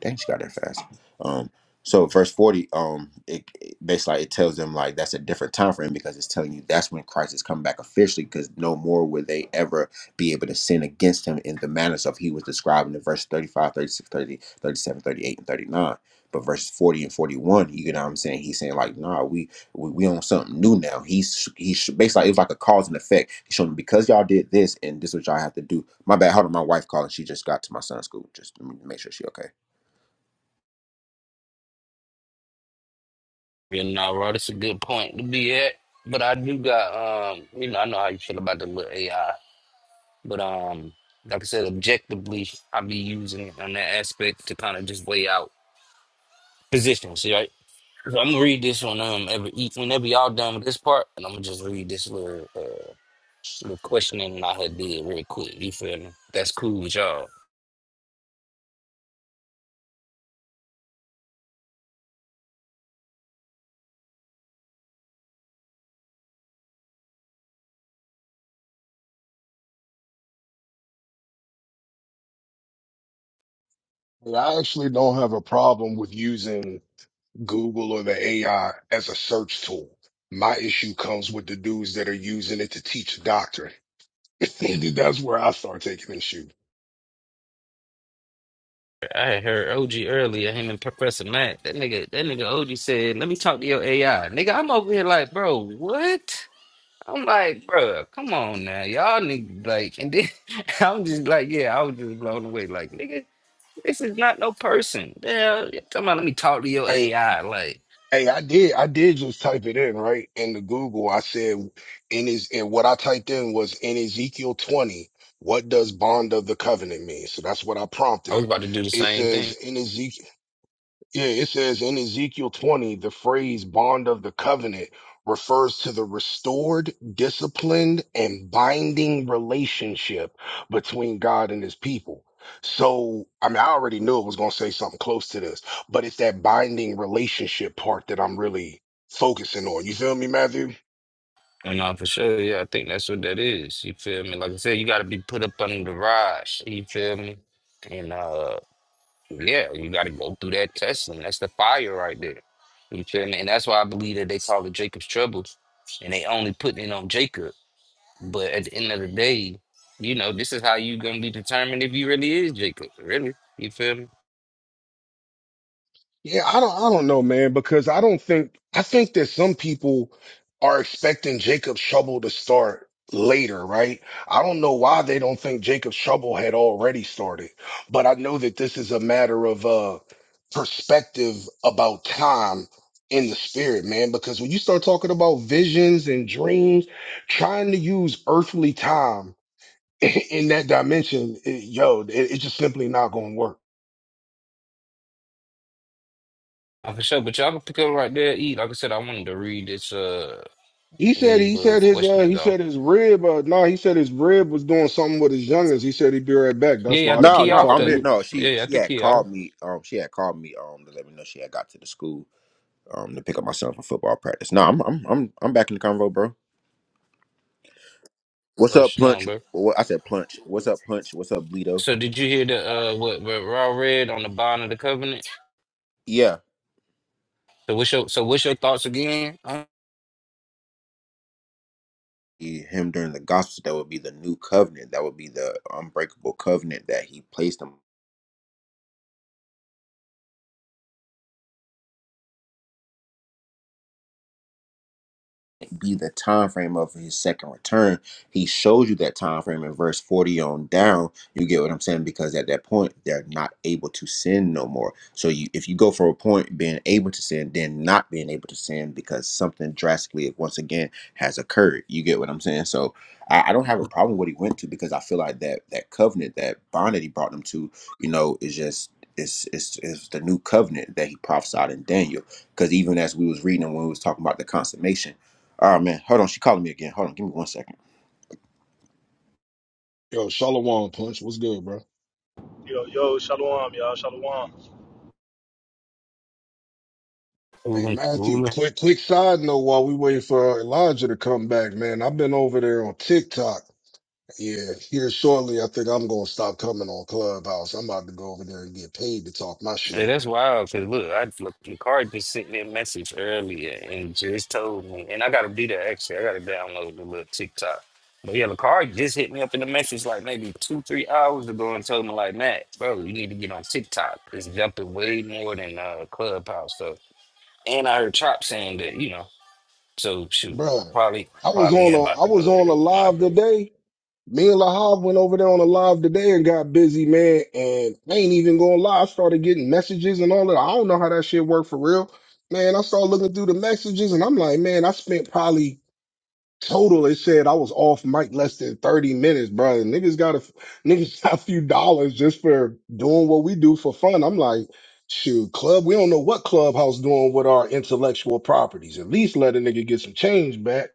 dang, she got there fast. Um, so verse forty, um, it, it basically like, it tells them like that's a different time frame because it's telling you that's when Christ is coming back officially because no more will they ever be able to sin against him in the manners of he was described in the verse 35, 36, 30 37, 38, and 39. But verses 40 and 41, you know what I'm saying? He's saying like, nah, we we, we on something new now. He's he's basically it was like a cause and effect. He's showing them, because y'all did this and this is what y'all have to do. My bad. Hold on, my wife calling. She just got to my son's school. Just let me make sure she okay.
You know, bro, that's a good point to be at. But I do got um, you know, I know how you feel about the little AI. But um, like I said, objectively, I be using it on that aspect to kind of just weigh out positions, right? So I'm gonna read this one um every whenever y'all done with this part, and I'm gonna just read this little uh little questioning I had did real quick. You feel me? That's cool with y'all.
And I actually don't have a problem with using Google or the AI as a search tool. My issue comes with the dudes that are using it to teach doctrine. That's where I start taking issue.
I heard OG earlier, him and Professor Matt. That nigga, that nigga OG said, "Let me talk to your AI, nigga." I'm over here like, bro, what? I'm like, bro, come on now, y'all nigga, like, and then I'm just like, yeah, I was just blown away, like, nigga, this is not no person. Yeah, come on, let me talk to your
I,
AI, like,
hey, I did, I did just type it in, right? In the Google, I said, in his, and what I typed in was in Ezekiel 20, what does bond of the covenant mean? So that's what I
I
prompted.
was about to do the
It
same
says
thing.
in Ezekiel. Yeah, it says in Ezekiel 20, the phrase bond of the covenant refers to the restored, disciplined, and binding relationship between God and his people. So, I mean, I already knew it was going to say something close to this, but it's that binding relationship part that I'm really focusing on. You feel me, Matthew?
And no, for sure, yeah, I think that's what that is. You feel me? Like I said, you got to be put up under the rod. You feel me? And uh. Yeah, you got to go through that testing. That's the fire right there. You feel me? And that's why I believe that they call it Jacob's trouble, and they only putting it on Jacob. But at the end of the day, you know, this is how you gonna be determined if you really is Jacob. Really, you feel me?
Yeah, I don't I don't know, man, because I don't think I think that some people are expecting Jacob Trouble to start later, right? I don't know why they don't think Jacob Trouble had already started, but I know that this is a matter of uh perspective about time in the spirit, man, because when you start talking about visions and dreams, trying to use earthly time in that dimension, it, yo, it, it's just simply not going to work.
Uh, For sure. But y'all can pick up right there. Eat. Like I said, I wanted to read this. Uh,
He said
these
he
little
said his uh
questions
he
off.
said his rib uh no he said his rib was doing something with his youngest. He said he'd be right back.
Yeah,
That's
yeah.
why
I
I
think
just
No,
he
kept
no,
off
talking
I'm
to
here.
though.
you.
No,
Yeah,
she
yeah. I
she
think
had
he off.
called me. Um, she had called me. Um, to let me know she had got to the school. Um, to pick up my son for football practice. No, I'm I'm I'm I'm back in the convo, bro. What's
Oh,
up,
shalom,
Plunge?
bro.
What I said, Plunge. What's up, Punch? What's up, Bleedo?
So did you hear the uh what what Raw read on the bond of the covenant?
Yeah,
So what's your so what's your thoughts again?
he, him during the gospel. That would be the new covenant. That would be the unbreakable covenant that he placed him. be the time frame of his second return. He shows you that time frame in verse 40 on down. You get what I'm saying? Because at that point, they're not able to sin no more. So you if you go for a point being able to sin, then not being able to sin because something drastically once again has occurred. You get what I'm saying? So I, I don't have a problem with what he went to because I feel like that that covenant, that bond that he brought them to, you know, is just it's, it's, it's the new covenant that he prophesied in Daniel. Because even as we was reading and when we was talking about the consummation, all right, man. Hold on. She calling me again. Hold on. Give me one second.
Yo, Shalom Punch, what's good, bro?
Yo, yo, shalom, y'all, shalom.
Hey
Cool,
Matthew,
cool.
quick quick side note while we waiting for Elijah to come back, man. I've been over there on TikTok. Yeah, here shortly, I think I'm gonna stop coming on Clubhouse. I'm about to go over there and get paid to talk my
Yeah,
shit,
that's wild. Cause look, I look, Picard just sent me a message earlier and just told me, and I gotta do that actually. I gotta download the little TikTok. But yeah, Picard just hit me up in the message like maybe two, three hours ago and told me like, Matt, bro, you need to get on TikTok. It's jumping way more than uh Clubhouse stuff. And I heard Chop saying that, you know. So shoot,
bro
I probably
I was
probably
on
am
a
about
I
to
was
go
on a
ahead with my
live
girl.
today Me and Lahav went over there on a live today and got busy, man. And I ain't even going to lie. I started getting messages and all that. I don't know how that shit worked for real. Man, I started looking through the messages and I'm like, man, I spent probably total. It said I was off mic less than 30 minutes, bro. And niggas got a, niggas got a few dollars just for doing what we do for fun. I'm like, shoot, club, we don't know what clubhouse doing with our intellectual properties. At least let a nigga get some change back.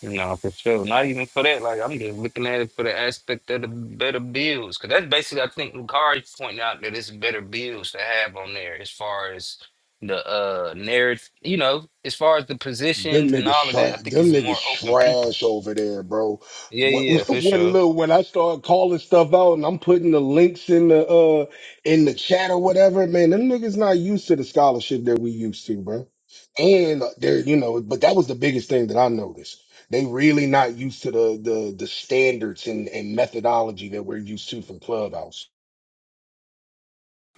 No, for sure. Not even for that. Like I'm just looking at it for the aspect of the better bills, because that's basically I think Lucari's pointing out that it's better bills to have on there as far as the uh narrative. You know, as far as the
Them
positions and
niggas
all of that, I
trash.
think
Them
it's
niggas
more open people.
trash over there, bro.
Yeah,
When,
yeah, yeah, for
when
sure.
look, when I start calling stuff out and I'm putting the links in the uh in the chat or whatever, man, them niggas not used to the scholarship that we used to, bro. And they're you know, but that was the biggest thing that I noticed. They really not used to the the the standards and, and methodology that we're used to from Clubhouse.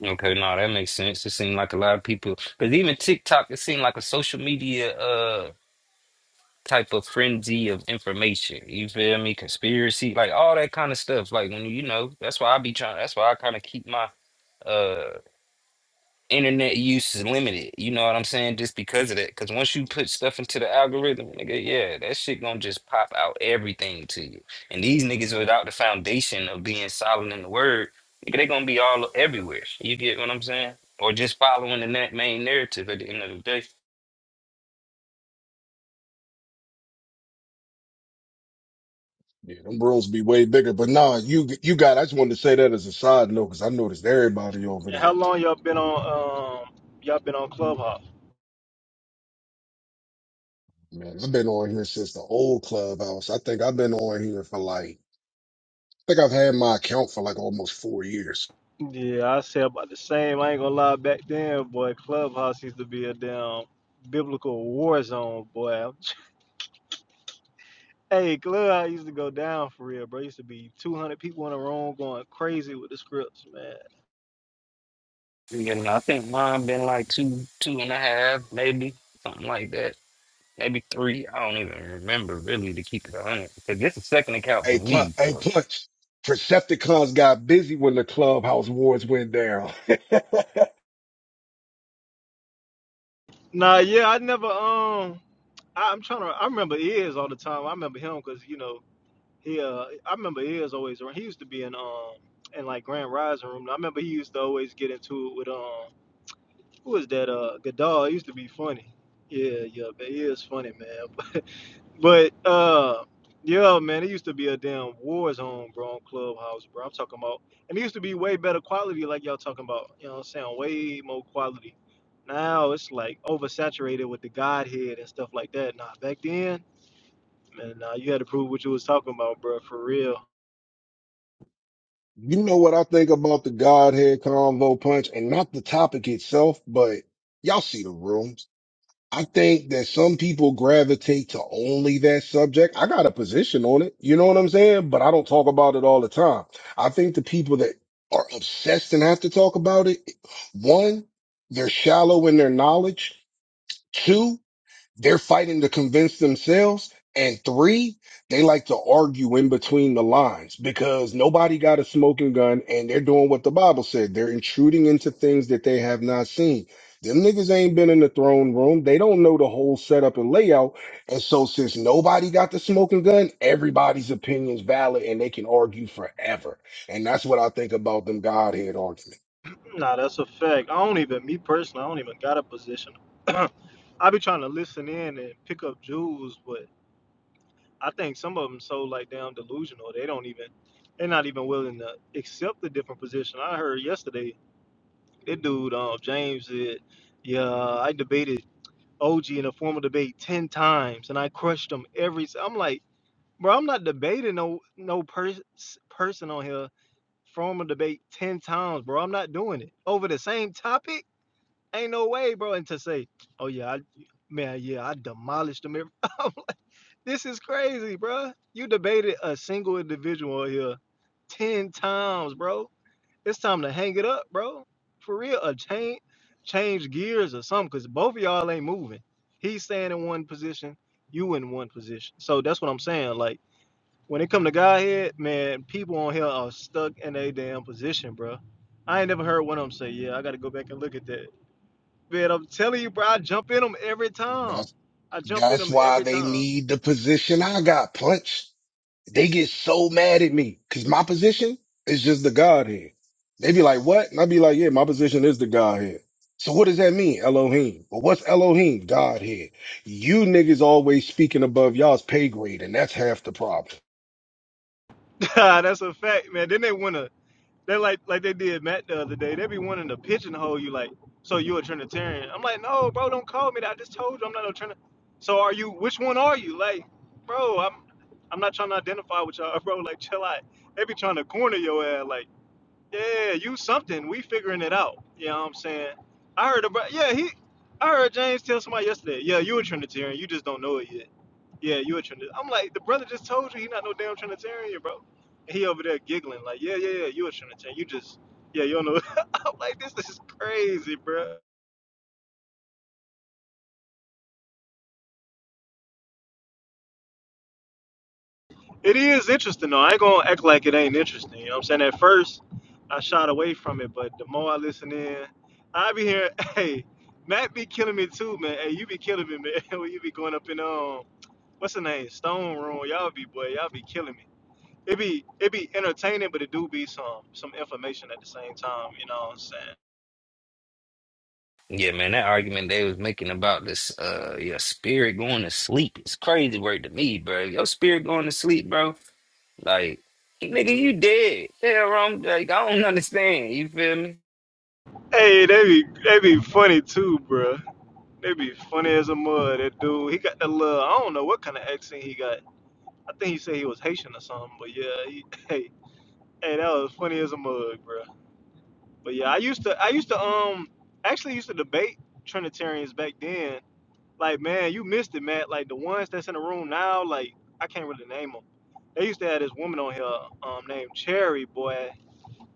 Okay, no, that makes sense. It seemed like a lot of people, because even TikTok, it seemed like a social media. uh type of frenzy of information. You feel me? Conspiracy, like all that kind of stuff. Like when you you know, that's why I be trying. That's why I kind of keep my uh internet use is limited. You know what I'm saying? Just because of that. Because once you put stuff into the algorithm, nigga, yeah, that shit gonna just pop out everything to you. And these niggas without the foundation of being solid in the word, nigga, they gonna be all everywhere. You get what I'm saying? Or just following the na- main narrative at the end of the day.
Yeah, them rooms be way bigger. But nah, you you got. I just wanted to say that as a side note because I noticed everybody over
And
there.
how long y'all been on? Um, y'all been on Clubhouse?
Man, I've been on here since the old clubhouse. I think I've been on here for like, I think I've had my account for like almost four years.
Yeah, I say about the same. I ain't gonna lie. Back then, boy, Clubhouse used to be a damn biblical war zone, boy. Hey, Clubhouse used to go down for real, bro. Used to be two hundred people in a room going crazy with the scripts, man.
You know, I think mine been like two, two and a half, maybe something like that, maybe three. I don't even remember really to keep it a hundred because this is second account for
Hey, Pl-
me.
hey,
So
Clutch. Percepticons got busy when the clubhouse wars went down.
Nah, yeah, I never. Um, I, I'm trying to. I remember Iz all the time. I remember him because you know He, uh, I remember he was always around. He used to be in um in like Grand Rising room. I remember he used to always get into it with um who was that uh Godal. He used to be funny. Yeah, yeah, but he is funny, man. But uh, yeah, man, it used to be a damn war zone, bro, on Clubhouse, bro. I'm talking about, and it used to be way better quality, like y'all talking about. You know what I'm saying? Way more quality. Now it's like oversaturated with the Godhead and stuff like that. Nah, back then, man, nah, you had to prove what you was talking about, bro, for real.
you know what I think about the Godhead convo punch and not the topic itself, but y'all see the room. I think that some people gravitate to only that subject. I got a position on it. You know what I'm saying? But I don't talk about it all the time. I think the people that are obsessed and have to talk about it, one, they're shallow in their knowledge. Two, they're fighting to convince themselves. And three, they like to argue in between the lines because nobody got a smoking gun and they're doing what the Bible said. They're intruding into things that they have not seen. Them niggas ain't been in the throne room. They don't know the whole setup and layout. And so since nobody got the smoking gun, everybody's opinion's valid and they can argue forever. And that's what I think about them Godhead argument.
Nah, that's a fact. I don't even, me personally, I don't even got a position. I be trying to listen in and pick up jewels, but I think some of them so like damn delusional. They don't even, they're not even willing to accept the different position. I heard yesterday, that dude, um, James said, yeah, I debated OG in a formal debate 10 times and I crushed him every, s-" I'm like, bro, I'm not debating no, no pers- person on here. Formal debate 10 times, bro. I'm not doing it over the same topic. Ain't no way, bro. And to say, oh yeah, I, man, yeah, I demolished them. every-" I'm like, this is crazy, bro. You debated a single individual here ten times, bro. It's time to hang it up, bro. For real, a change, change gears or something, cause both of y'all ain't moving. He's staying in one position, you in one position. So that's what I'm saying. Like when it come to Godhead, man, people on here are stuck in a damn position, bro. I ain't never heard one of them say, "Yeah, I got to go back and look at that." Man, I'm telling you, bro, I jump in them every time.
That's,
I jump in
that's
them
why
every
they
time.
need the position I got, Punch. They get so mad at me because my position is just the Godhead. They be like, what? And I be like, yeah, my position is the Godhead. So what does that mean, Elohim? But what's Elohim? Godhead. You niggas always speaking above y'all's pay grade, and that's half the problem.
That's a fact, man. Then they wanna, they like like they did Matt the other day. They be wanting to pigeonhole you, like, so you a Trinitarian? I'm like, no, bro, don't call me that. I just told you I'm not no Trinitarian. So are you? Which one are you? Like, bro, I'm I'm not trying to identify with y'all, bro. Like, chill out. They be trying to corner your ass, like, yeah, you something. We figuring it out. You know what I'm saying? I heard about, yeah, he. I heard James tell somebody yesterday, yeah, you a Trinitarian, you just don't know it yet. Yeah, you a Trinitarian. I'm like, the brother just told you he not no damn Trinitarian, bro. And he over there giggling, like, yeah, yeah, yeah, you a Trinitarian. You just, yeah, you don't know. I'm like, this is crazy, bro. It is interesting, though. I ain't going to act like it ain't interesting. You know what I'm saying? At first, I shot away from it, but the more I listen in, I be here, hey, Matt be killing me too, man. Hey, you be killing me, man. when you be going up in, um, what's the name? Stone Room. Y'all be, boy, y'all be killing me. it be it be entertaining, but it do be some some information at the same time. You know what I'm saying?
yeah, man, that argument they was making about this, uh, your spirit going to sleep it's crazy word to me, bro. Your spirit going to sleep, bro. Like, nigga, you dead. Yeah, wrong. Like, I don't understand. You feel me?
Hey, they be they be funny too, bruh. They be funny as a mud. That dude, he got that little I don't know what kind of accent he got. I think he said he was Haitian or something, but yeah, he, hey hey that was funny as a mug, bruh. But yeah, I used to I used to um actually used to debate Trinitarians back then. Like man, you missed it, Matt. Like the ones that's in the room now, like I can't really name them. They used to have this woman on here um, named Cherry, boy.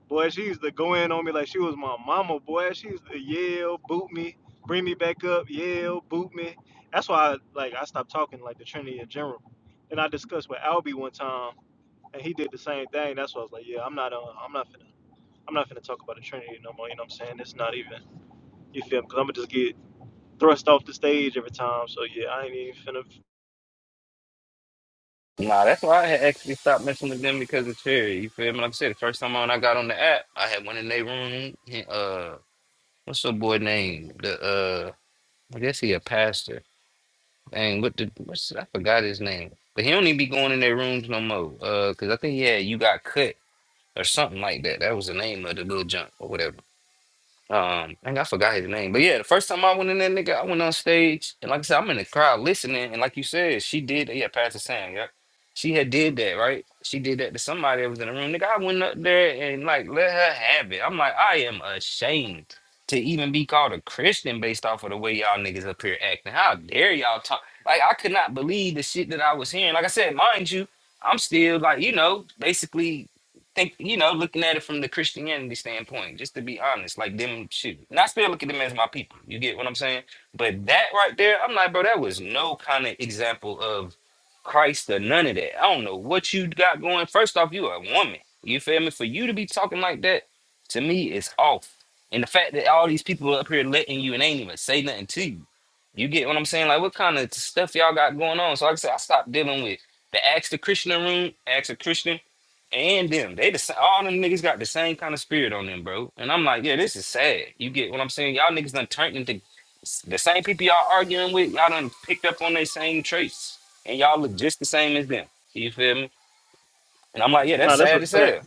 Boy, she used to go in on me like she was my mama, boy. She used to yell, boot me, bring me back up, yell, boot me. That's why I, like I stopped talking like the Trinity in general. And I discussed with Albie one time and he did the same thing. That's why I was like, Yeah, I'm not uh, I'm not finna I'm not finna talk about the Trinity no more, you know what I'm saying? It's not even you feel me, Because I'm gonna just get thrust off the stage every time. So yeah, I ain't even finna
Nah, that's why I had actually stopped messing with them because of Cherry. You feel me? Like I said, the first time on I got on the app, I had went in their room. he- Uh, What's the boy name? The uh, I guess he a pastor. Dang, what the what's I forgot his name, but he don't even be going in their rooms no more. Uh, cause I think he had you got cut or something like that. That was the name of the little junk or whatever. Um, I think I forgot his name, but yeah, the first time I went in there, nigga, I went on stage, and like I said, I'm in the crowd listening, and like you said, she did, yeah, Pastor Sam, yeah, she had did that, right? She did that to somebody that was in the room, nigga. I went up there and like let her have it. I'm like, I am ashamed to even be called a Christian based off of the way y'all niggas up here acting. How dare y'all talk? Like, I could not believe the shit that I was hearing. Like I said, mind you, I'm still like, you know, basically think you know, looking at it from the Christianity standpoint, just to be honest, like them shoot. And I still look at them as my people. You get what I'm saying? But that right there, I'm like, bro, that was no kind of example of Christ or none of that. I don't know what you got going. First off, you a woman. You feel me? For you to be talking like that, to me, is off. And the fact that all these people up here letting you and ain't even say nothing to you. You get what I'm saying? Like, what kind of stuff y'all got going on? So, like I said, I stopped dealing with the Ask the Christian room, Ask the Christian and them. They the sa- all them niggas got the same kind of spirit on them, bro. And I'm like, yeah, this is sad. You get what I'm saying? Y'all niggas done turned into the same people y'all arguing with. Y'all done picked up on their same traits, and y'all look just the same as them. You feel me? And I'm like, yeah, that's
Nah, that's a
sad as
fact.
hell.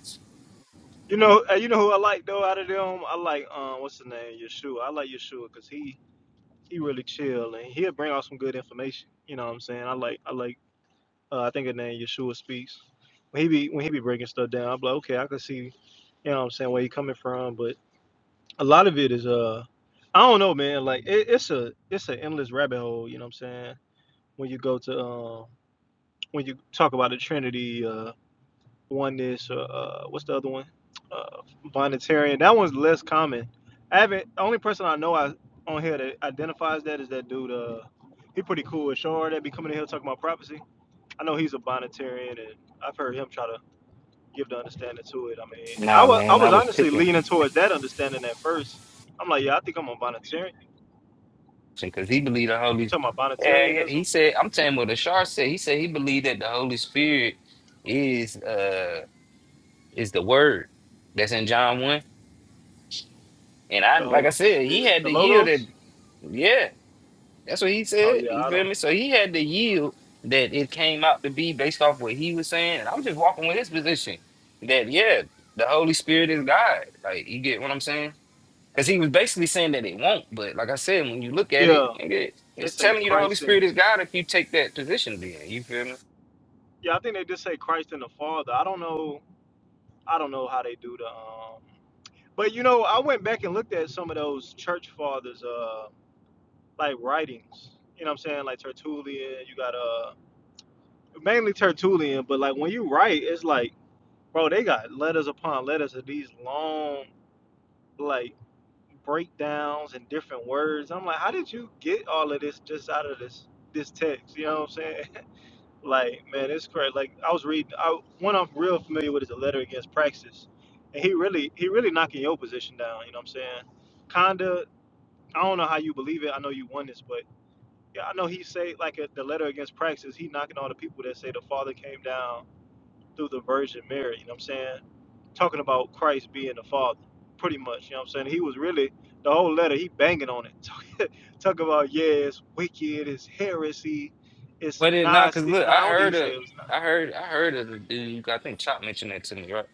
You know uh, you know who I like though out of them? I like um what's the name, Yeshua. I like Yeshua because he he really chill and he'll bring out some good information. You know what I'm saying? I like I like uh, I think his name Yeshua speaks. When he be when he be breaking stuff down, I'm like, okay, I can see, you know what I'm saying, where he coming from. But a lot of it is uh I don't know, man. Like it, it's a it's an endless rabbit hole, you know what I'm saying? When you go to um when you talk about the Trinity, uh Oneness, or uh, uh, what's the other one? Uh, Bonnetarian. That one's less common. I haven't. The only person I know I, on here that identifies that is that dude. Uh, he pretty cool. Shard that be coming in here talking about prophecy. I know he's a bonitarian, and I've heard him try to give the understanding to it. I mean, I
Nah,
was I
man, I
was
was
honestly
picking
leaning towards that understanding at first. I'm like, yeah, I think I'm a bonitarian.
because he believed the
You
Holy.
talking about
Yeah, yeah. He
bonitarianism?
said, I'm telling you what the Ashar said. He said he believed that the Holy Spirit is uh is the Word that's in John one. And I,
the
like I
Holy
said, he
Spirit,
had
the
to yield it.
logos?
Yeah, That's what he
Oh
said.
yeah,
You
I
feel
don't.
me? So he had to yield that it came out to be based off what he was saying. And I'm just walking with his position that, yeah, the Holy Spirit is God. Like, you get what I'm saying? Because he was basically saying that it won't. But like I said, when you look at
Yeah,
it, nigga,
they
it's
say
telling you the Holy
Christ
Spirit
and
is God if you take that position then. You feel me?
Yeah, I think they just say Christ and the Father. I don't know. I don't know how they do the. Um, but you know, I went back and looked at some of those church fathers, uh, like writings. You know what I'm saying? Like Tertullian. You got uh, mainly Tertullian, but like when you write, it's like, bro, they got letters upon letters of these long, like breakdowns and different words. I'm like, how did you get all of this just out of this this text? You know what I'm saying? Like, man, it's crazy. Like, I was reading. I, one I'm real familiar with is a letter against praxis, and he really, he really knocking your position down. You know what I'm saying? Kinda. I don't know how you believe it. I know you won this, but yeah, I know he say like a, the letter against praxis. He knocking all the people that say the Father came down through the Virgin Mary. You know what I'm saying? Talking about Christ being the Father, pretty much. You know what I'm saying? He was really the whole letter. He banging on it. Talk, talk about yeah, it's wicked, it's heresy, it's
But it not
not.
because look,
nah. I
I
don't think he
heard
say
a,
it was.
I heard, I heard of the dude. I think Chop mentioned that to me, right?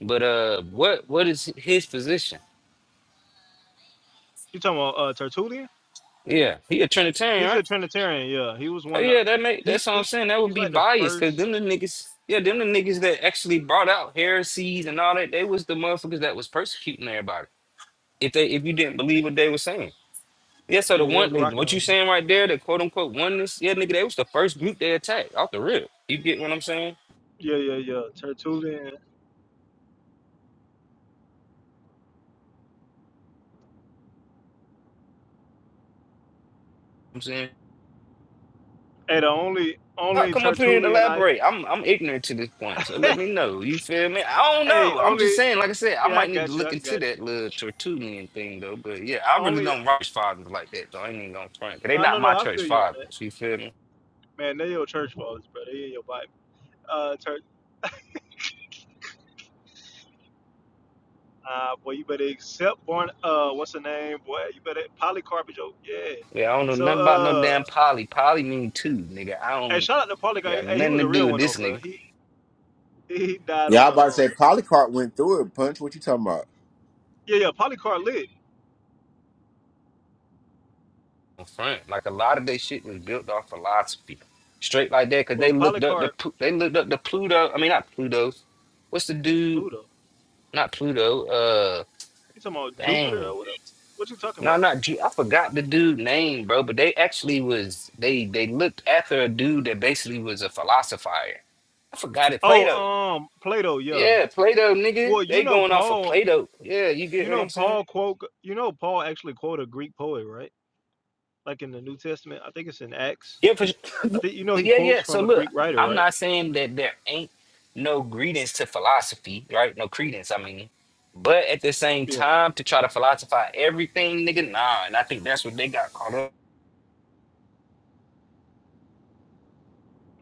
But uh, what what is his position?
You talking about uh, Tertullian?
Yeah, he a Trinitarian,
He's
right?
a Trinitarian. Yeah, he was
Oh
one of
yeah, that make
the. He,
that's what I'm
he
saying. That would
he's
be
like the
biased because
first.
them the niggas, yeah, them the niggas that actually brought out heresies and all that. They was the motherfuckers that was persecuting everybody. If they if you didn't believe what they were saying, yeah. So the
Yeah, they
one
was rocking
what you
on.
saying right there, the quote unquote oneness, yeah, nigga, they was the first group they attacked off the rip. You get what I'm saying?
Yeah, yeah, yeah. Tertullian.
I'm saying.
Hey, the only
Y'all
only
come up here and
Tertullian I.
elaborate. I'm I'm ignorant to this point, so let me know. You feel me? I don't
hey,
know. I'm just
only.
saying, like I said, I
Yeah, I
might need to
got you.
look
I
into
got you.
that little Tertullian thing though. But yeah, I really
Only.
don't church fathers like that though. I ain't even gonna front. 'Cause They
No,
not
no,
my
no. I feel
church
you on that.
fathers. You feel me?
Man, they your church fathers, bro. They in your Bible. Uh, Tert. Uh, boy, you better accept born. Uh, what's the name, boy? You better Polycarp is your Yeah.
Yeah, I don't know
So,
nothing about no damn
uh,
poly. Poly mean two, nigga. I
hey,
don't
shout out to Polycarp.
got
Hey, he
nothing
was
to
a
do
real
with
one
this
though, bro.
nigga.
He he died
Yeah,
on
I
the
about to say
um,
Polycarp went through it. Punch, what you talking about?
Yeah, yeah, Polycarp lit.
On front, like a lot of their shit was built off philosophy, straight like that, 'cause they
Well,
looked up the
Polycarp
Plu- they looked up the Pluto. I mean, not Pluto. What's the dude?
Pluto.
Not Pluto. Uh.
You talking about Jupiter
Dang.
or whatever? What you talking
No,
about?
not G. I forgot the dude name, bro. But they actually was they they looked after a dude that basically was a philosopher. I forgot it.
Oh,
Plato.
um, Plato. Yeah.
Yeah, Plato, nigga.
Well, you
They
know
going off of
Paul.
Plato. Yeah, you get
You
what
know
I'm saying?
Paul quote. You know Paul actually quote a Greek poet, right? Like in the New Testament. I think it's in Acts.
Yeah, for sure.
I think you know he
yeah,
quotes
yeah. So
from a
look,
Greek writer,
I'm
right?
not saying that there ain't no credence to philosophy, right? No credence. I mean, but at the same
Yeah.
time, to try to philosophize everything, nigga, nah. And I think that's what they got caught up.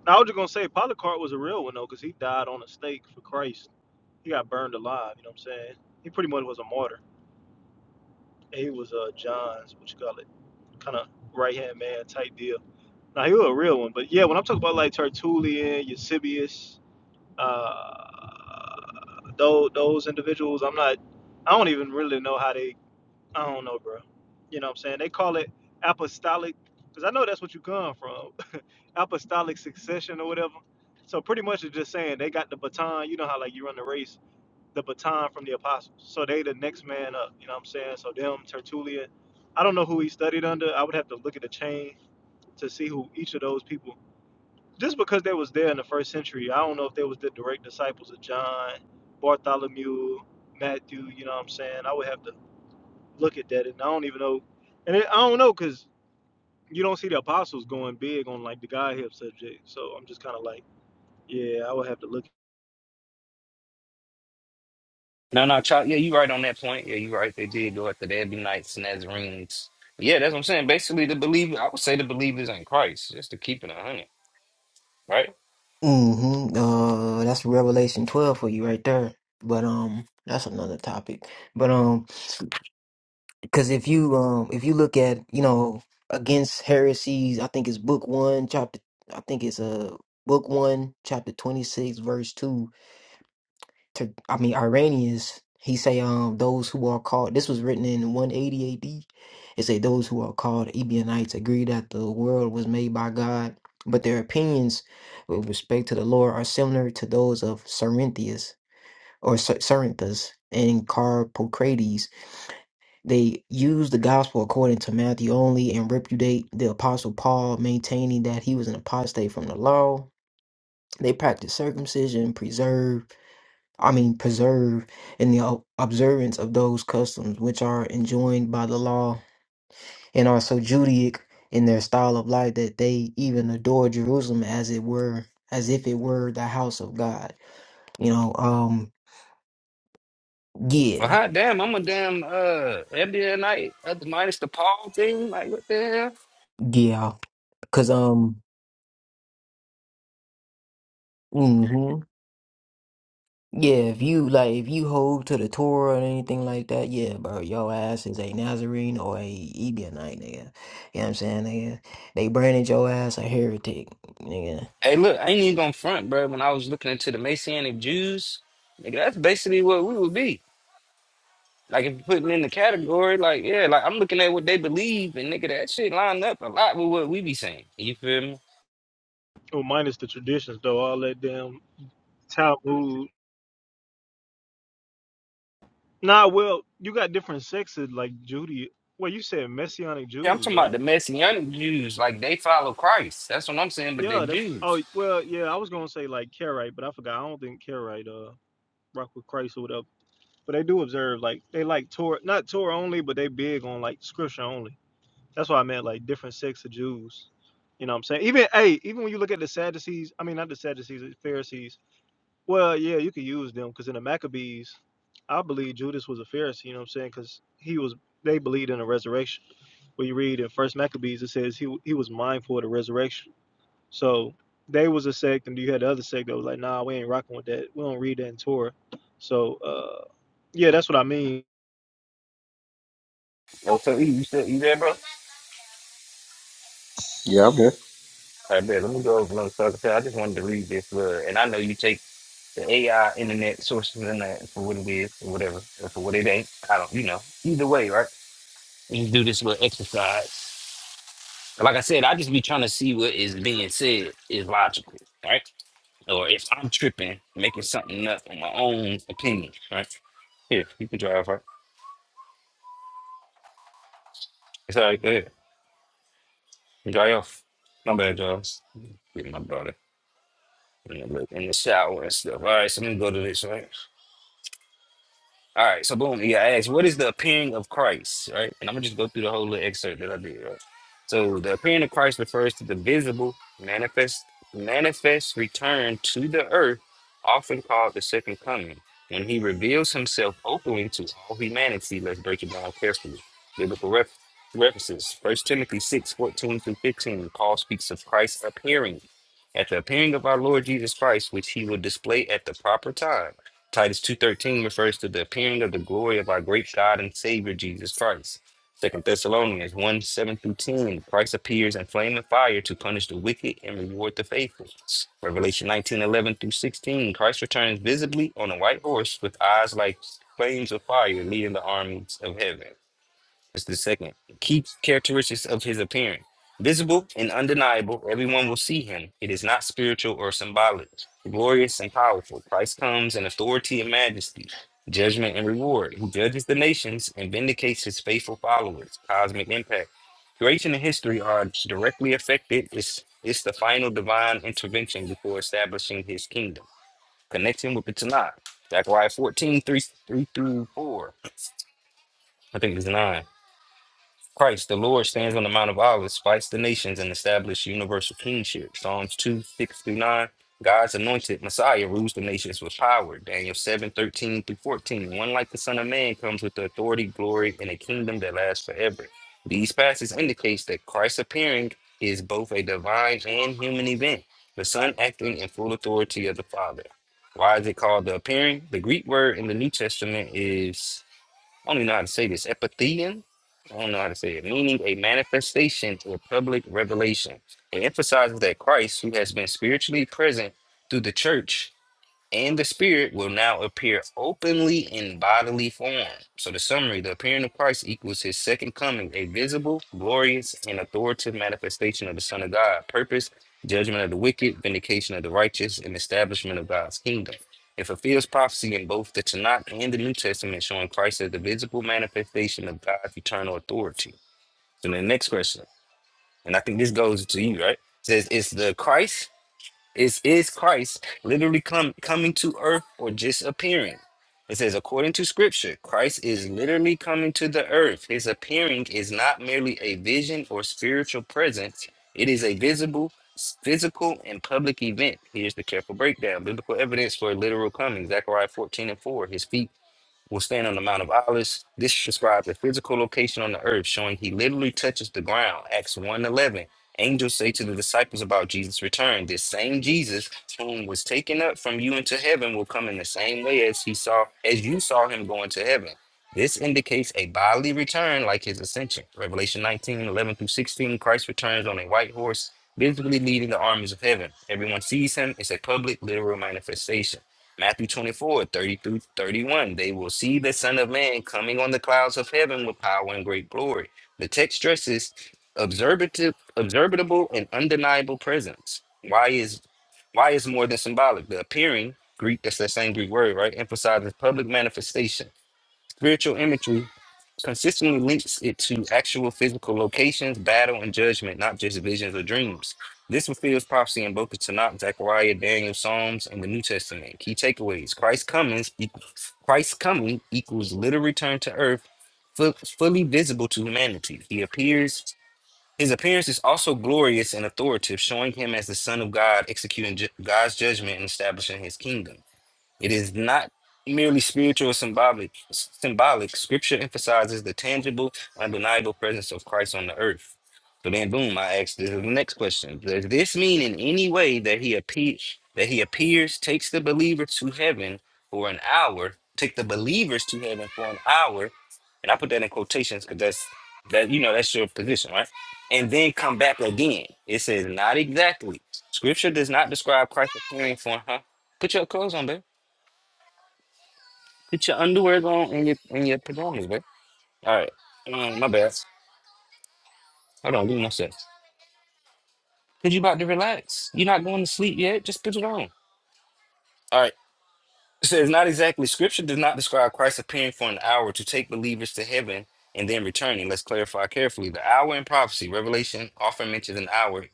I was just gonna say Polycarp was a real one though, because he died on a stake for Christ. He got burned alive. You know what I'm saying? He pretty much was a martyr. And he was uh John's, what you call it, kind of right hand man type deal. Now he was a real one, but yeah, when I'm talking about like Tertullian, Eusebius, uh, those those individuals, I'm not. I don't even really know how they. I don't know, bro. You know what I'm saying? They call it apostolic because I know that's what you come from, apostolic succession or whatever. So pretty much it's just saying they got the baton. You know how like you run the race, the baton from the apostles. So they the next man up. You know what I'm saying? So them Tertullian. I don't know who he studied under. I would have to look at the chain to see who each of those people just because they was there in the first century, I don't know if they was the direct disciples of John, Bartholomew, Matthew. You know what I'm saying? I would have to look at that, and I don't even know. And it, I don't know because you don't see the apostles going big on like the Godhead subject. So I'm just kind of like, yeah, I would have to look.
No, no, Chuck. Yeah, you right on that point. Yeah, you right. They did go after the Ebionites, and Nazarenes. Yeah, that's what I'm saying. Basically, the believe I would say the believers in Christ, just to keep it a hundred, right?
Mm-hmm. Uh, that's Revelation 12 for you right there. But um, that's another topic. But um, because if you um, if you look at you know against heresies, I think it's book one, chapter. I think it's uh book one, chapter 26, verse two to I mean Iranians, he say um those who are called this was written in 180 AD. It say those who are called Ebionites agree that the world was made by God, but their opinions with respect to the Lord are similar to those of Cerinthius or Cer- Cerinthus and Carpocrates. They use the gospel according to Matthew only and repudiate the apostle Paul, maintaining that he was an apostate from the law. They practice circumcision, preserve I mean, preserve in the o- observance of those customs which are enjoined by the law and are so Judaic in their style of life that they even adore Jerusalem as it were, as if it were the house of God. You know, um,
Well,
yeah,
hot damn, I'm a damn uh Ebionite, uh, minus the Paul thing. Like, what the hell?
yeah, cause um, hmm yeah, if you like, if you hold to the Torah or anything like that, yeah, bro, your ass is a Nazarene or a Ebionite. nigga. You know what I'm saying, nigga? They branded your ass a heretic, nigga.
Hey, look, I ain't even gonna front, bro. When I was looking into the Messianic Jews, nigga, that's basically what we would be. Like, if you putting in the category, like, yeah, like I'm looking at what they believe, and nigga, that shit lined up a lot with what we be saying. You feel me?
Oh, minus the traditions though, all that damn Talmud. Nah, well, you got different sects of, like Judy. Well, you said Messianic
Yeah, I'm
Jews,
talking about
right?
the Messianic Jews. Like they follow Christ. That's what I'm saying. But they're
Yeah, that's.
Jews.
Oh, well, yeah, I was gonna say like Karaite, but I forgot. I don't think Karite. uh, rock with Christ or whatever. But they do observe, like they like Torah, not Torah only, but they big on like scripture only. That's why I meant like different sects of Jews. You know what I'm saying? Even hey, even when you look at the Sadducees, I mean not the Sadducees, the Pharisees. Well, yeah, you could use them because in the Maccabees, I believe Judas was a Pharisee. You know what I'm saying? Because he was they believed in a resurrection. When you read in First Maccabees, it says he he was mindful of the resurrection. So they was a sect, and you had the other sect that was like, nah, we ain't rocking with that. We don't read that in Torah. So. uh yeah, that's what I mean.
Oh, so E, you still you there, bro?
Yeah, I'm here.
I bet. Let me go over another second. I just wanted to read this. Uh, and I know you take the AI internet sources and that for what it is or whatever, or for what it ain't. I don't. You know. Either way, right? You do this little exercise. Like I said, I just be trying to see what is being said is logical, right? Or if I'm tripping, making something up on my own opinion, right? Here, you can drive, right? It's all right. Go ahead. Gaio. My bad, Giles. Get my brother in the, in the shower and stuff. All right, so I'm gonna go to this, right? All right, so boom, yeah, I asked, what is the appearing of Christ, right? And I'm gonna just go through the whole little excerpt that I did, right? So the appearing of Christ refers to the visible, manifest, manifest return to the earth, often called the second coming, when he reveals himself openly to all humanity. Let's break it down carefully. Biblical ref- references: First Timothy six fourteen through fifteen. Paul speaks of Christ appearing at the appearing of our Lord Jesus Christ, which he will display at the proper time Titus 2.13 refers to the appearing of the glory of our great God and Savior Jesus Christ. Second Thessalonians 1, 7 through 10, Christ appears in flame and fire to punish the wicked and reward the faithful. Revelation 19:11 through 16, Christ returns visibly on a white horse with eyes like flames of fire leading the armies of heaven. That's the second. Key characteristics of his appearing. Visible and undeniable, everyone will see him. It is not spiritual or symbolic. Glorious and powerful, Christ comes in authority and majesty, judgment and reward. He judges the nations and vindicates his faithful followers. Cosmic impact. Creation and history are directly affected. It's, it's the final divine intervention before establishing his kingdom. Connection with the Tanakh. Zechariah 14, 3 three through 4. I think it's 9. Christ, the Lord, stands on the Mount of Olives, spites the nations, and established universal kingship. Psalms 2, 6 through 9. God's anointed Messiah rules the nations with power. Daniel 7 13 through 14. One like the Son of Man comes with the authority, glory, and a kingdom that lasts forever. These passages indicates that Christ's appearing is both a divine and human event, the Son acting in full authority of the Father. Why is it called the appearing? The Greek word in the New Testament is I don't even know how to say this. Epithelium? I don't know how to say it. Meaning a manifestation or public revelation. It emphasizes that Christ, who has been spiritually present through the church, and the spirit will now appear openly in bodily form. So the summary, the appearing of Christ equals his second coming, a visible, glorious, and authoritative manifestation of the Son of God, purpose, judgment of the wicked, vindication of the righteous, and establishment of God's kingdom. It fulfills prophecy in both the Tanakh and the New Testament, showing Christ as the visible manifestation of God's eternal authority. So the next question, and I think this goes to you, right? says, is the Christ is is Christ literally come coming to earth or just appearing? It says, according to scripture, Christ is literally coming to the earth. His appearing is not merely a vision or spiritual presence, it is a visible, s- physical, and public event. Here's the careful breakdown. Biblical evidence for a literal coming. Zechariah 14 and 4. His feet will stand on the Mount of Olives. This describes a physical location on the earth, showing he literally touches the ground. Acts one 11. Angels say to the disciples about Jesus' return, This same Jesus whom was taken up from you into heaven will come in the same way as he saw as you saw him going to heaven. This indicates a bodily return like his ascension. Revelation 19 11 through 16, Christ returns on a white horse, visibly leading the armies of heaven. Everyone sees him. It's a public, literal manifestation. Matthew 24 30 through 31. They will see the Son of Man coming on the clouds of heaven with power and great glory. The text stresses observative, observable and undeniable presence. Why is why is more than symbolic? The appearing, Greek, that's that same Greek word, right? Emphasizes public manifestation Spiritual imagery consistently links it to actual physical locations, battle, and judgment, not just visions or dreams. This fulfills prophecy in both the Tanakh, Zechariah, Daniel, Psalms, and the New Testament. Key takeaways: Christ's coming equals Christ's coming equals literal return to earth, fu- fully visible to humanity. He appears. His appearance is also glorious and authoritative, showing him as the Son of God, executing ju- God's judgment and establishing His kingdom. It is not merely spiritual or symbolic. Symbolic scripture emphasizes the tangible, undeniable presence of Christ on the earth. So then, boom! I asked this is the next question: Does this mean in any way that he appears, that he appears, takes the believer to heaven for an hour, take the believers to heaven for an hour? And I put that in quotations because that's that you know that's your position, right? And then come back again. It says not exactly. Scripture does not describe Christ appearing for huh? Put your clothes on, babe. Put your underwear on and your and your pajamas, bro. All right. Um, my bad. Hold on, give me one sec. Cause you about to relax. You're not going to sleep yet. Just put it on. All right. It says not exactly. Scripture does not describe Christ appearing for an hour to take believers to heaven and then returning. Let's clarify carefully. The hour in prophecy, Revelation often mentions an hour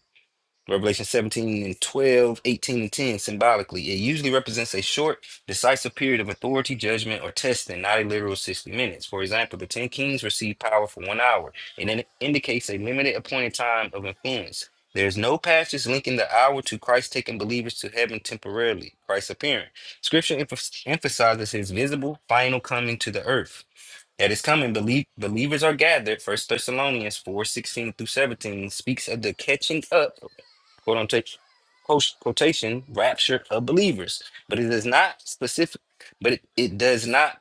Revelation 17 and 12, 18 and 10 symbolically. It usually represents a short, decisive period of authority, judgment, or testing, not a literal 60 minutes. For example, the 10 kings receive power for one hour, and it indicates a limited appointed time of influence. There is no passage linking the hour to Christ taking believers to heaven temporarily, Christ's appearing. Scripture emph- emphasizes his visible, final coming to the earth. At his coming, belie- believers are gathered. First Thessalonians 4:16 through 17 speaks of the catching up quote unquote quote- quotation rapture of believers. But it is not specific. But it, it does not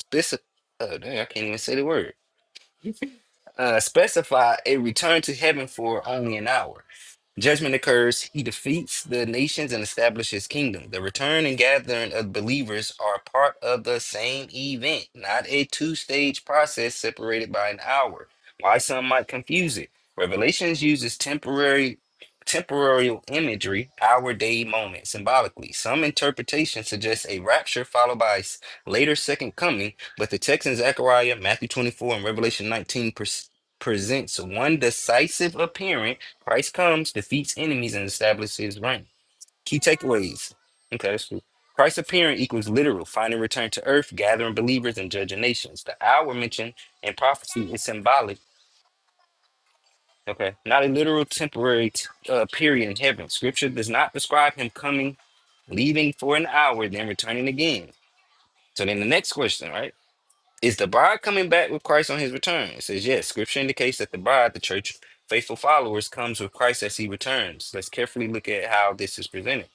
specify. Oh, dang, I can't even say the word. Uh, specify a return to heaven for only an hour. Judgment occurs, he defeats the nations and establishes kingdom. The return and gathering of believers are part of the same event, not a two stage process separated by an hour. Why some might confuse it. Revelations uses temporary temporal imagery, hour, day, moment, symbolically. Some interpretation suggests a rapture followed by a s- later second coming, but the text in Zechariah, Matthew 24, and Revelation 19 pres- presents one decisive appearance Christ comes, defeats enemies, and establishes his reign. Key takeaways. Okay, that's cool. Christ's appearing equals literal, finding return to earth, gathering believers, and judging nations. The hour mentioned in prophecy is symbolic, okay, not a literal temporary t- uh, period in heaven. Scripture does not describe him coming, leaving for an hour, then returning again. So then the next question, right? Is the bride coming back with Christ on his return? It says, yes. Scripture indicates that the bride, the church, faithful followers, comes with Christ as he returns. Let's carefully look at how this is presented.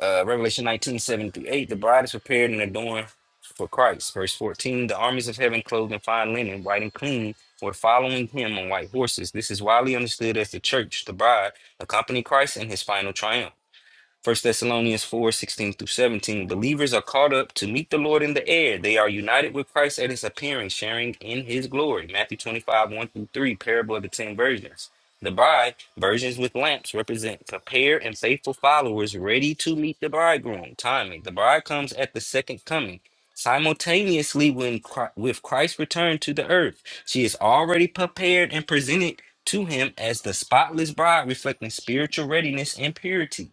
Uh, Revelation 19 7 through 8, the bride is prepared and adorned for Christ. Verse 14, the armies of heaven clothed in fine linen, white and clean, were following him on white horses. This is widely understood as the church, the bride, accompany Christ in his final triumph. First Thessalonians 4 16 through 17. Believers are caught up to meet the Lord in the air. They are united with Christ at his appearing, sharing in his glory. Matthew 25, 1 through 3, parable of the ten virgins. The bride, virgins with lamps, represent prepared and faithful followers ready to meet the bridegroom. Timing. The bride comes at the second coming. Simultaneously, when Chri- with Christ's return to the earth, she is already prepared and presented to him as the spotless bride, reflecting spiritual readiness and purity.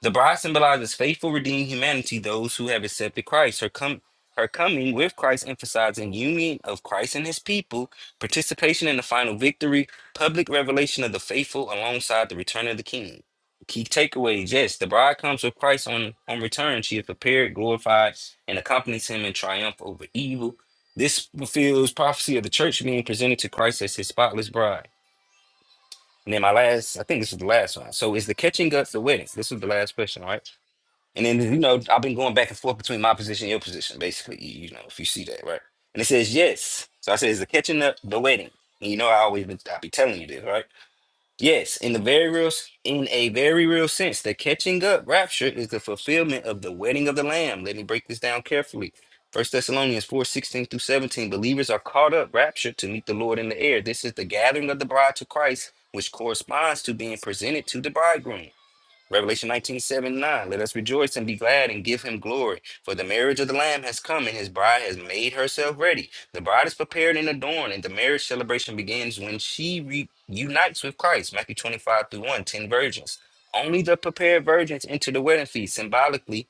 The bride symbolizes faithful, redeemed humanity, those who have accepted Christ. Her, com- her coming with Christ emphasizing union of Christ and his people, participation in the final victory, public revelation of the faithful alongside the return of the king. Key takeaways Yes, the bride comes with Christ on, on return. She is prepared, glorified, and accompanies him in triumph over evil. This fulfills prophecy of the church being presented to Christ as his spotless bride. And then my last, I think this is the last one. So is the catching up the wedding? This is the last question, all right? And then, you know, I've been going back and forth between my position and your position, basically, you, you know, if you see that, right? And it says, yes. So I said, is the catching up the wedding? And you know, I always been, I be telling you this, right? Yes, in the very real, s- in a very real sense, the catching up rapture is the fulfillment of the wedding of the Lamb. Let me break this down carefully. First Thessalonians 4 16 through 17, believers are caught up, raptured to meet the Lord in the air. This is the gathering of the bride to Christ, which corresponds to being presented to the bridegroom. Revelation 19, seven, 9. Let us rejoice and be glad and give him glory. For the marriage of the Lamb has come, and his bride has made herself ready. The bride is prepared and adorned, and the marriage celebration begins when she re- unites with Christ. Matthew 25 through 1, 10 virgins. Only the prepared virgins enter the wedding feast symbolically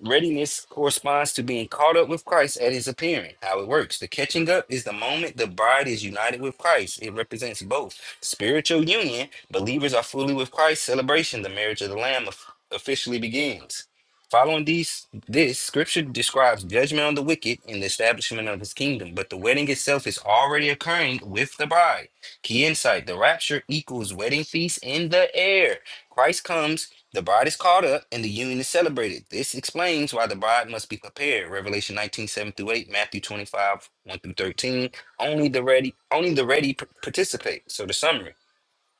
Readiness corresponds to being caught up with Christ at his appearing. How it works. The catching up is the moment the bride is united with Christ. It represents both spiritual union, believers are fully with Christ, celebration, the marriage of the Lamb of- officially begins. Following these, this scripture describes judgment on the wicked and the establishment of his kingdom, but the wedding itself is already occurring with the bride. Key insight the rapture equals wedding feast in the air. Christ comes the bride is called up and the union is celebrated. This explains why the bride must be prepared. Revelation 19 7 through 8, Matthew 25, 1 through 13. Only the ready, only the ready p- participate. So the summary.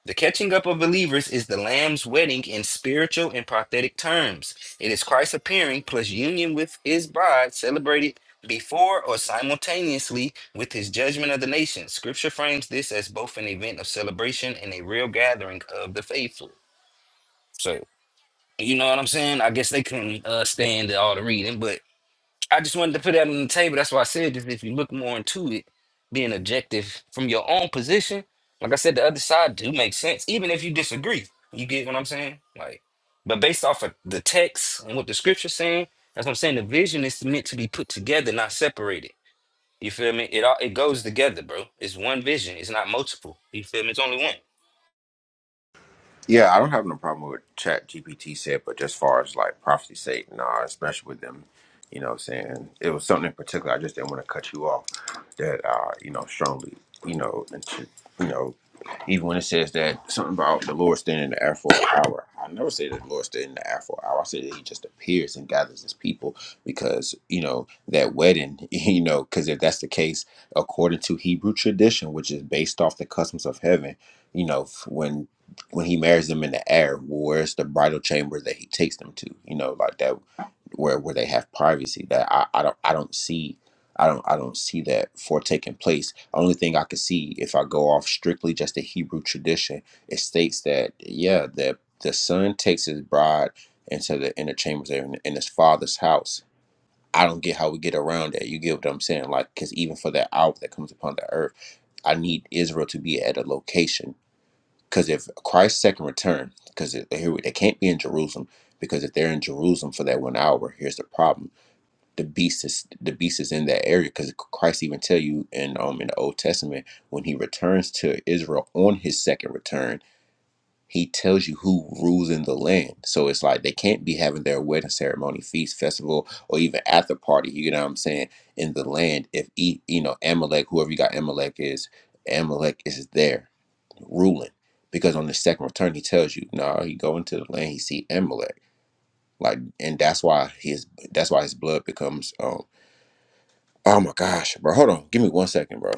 The catching up of believers is the Lamb's wedding in spiritual and prophetic terms. It is Christ appearing plus union with his bride celebrated before or simultaneously with his judgment of the nations. Scripture frames this as both an event of celebration and a real gathering of the faithful. So. You know what I'm saying? I guess they couldn't uh, stand all the reading, but I just wanted to put that on the table. That's why I said just if you look more into it, being objective from your own position, like I said, the other side do make sense, even if you disagree. You get what I'm saying? Like, but based off of the text and what the scripture's saying, that's what I'm saying. The vision is meant to be put together, not separated. You feel me? It all it goes together, bro. It's one vision. It's not multiple. You feel me? It's only one.
Yeah, I don't have no problem with what Chat GPT said, but just far as like prophecy sake, nah, especially with them, you know, what I'm saying it was something in particular. I just didn't want to cut you off. That uh, you know, strongly, you know, and to, you know, even when it says that something about the Lord staying in the air for an hour, I never say that the Lord stayed in the air for an hour. I say that He just appears and gathers His people because you know that wedding, you know, because if that's the case, according to Hebrew tradition, which is based off the customs of heaven, you know, f- when when he marries them in the air, where's the bridal chamber that he takes them to? You know, like that where where they have privacy. That I, I don't I don't see I don't I don't see that for taking place. Only thing I could see if I go off strictly just the Hebrew tradition, it states that yeah, that the son takes his bride into the inner chambers in, in his father's house. I don't get how we get around that. You get what I'm saying? Like, because even for that hour that comes upon the earth, I need Israel to be at a location because if Christ's second return, because here they can't be in Jerusalem, because if they're in Jerusalem for that one hour, here's the problem: the beast is the beast is in that area. Because Christ even tell you in um in the Old Testament when he returns to Israel on his second return, he tells you who rules in the land. So it's like they can't be having their wedding ceremony, feast, festival, or even after party. You know what I'm saying? In the land, if e, you know Amalek, whoever you got Amalek is, Amalek is there ruling because on the second return he tells you no nah, he go into the land he see Amalek like and that's why his that's why his blood becomes um oh my gosh bro hold on give me one second bro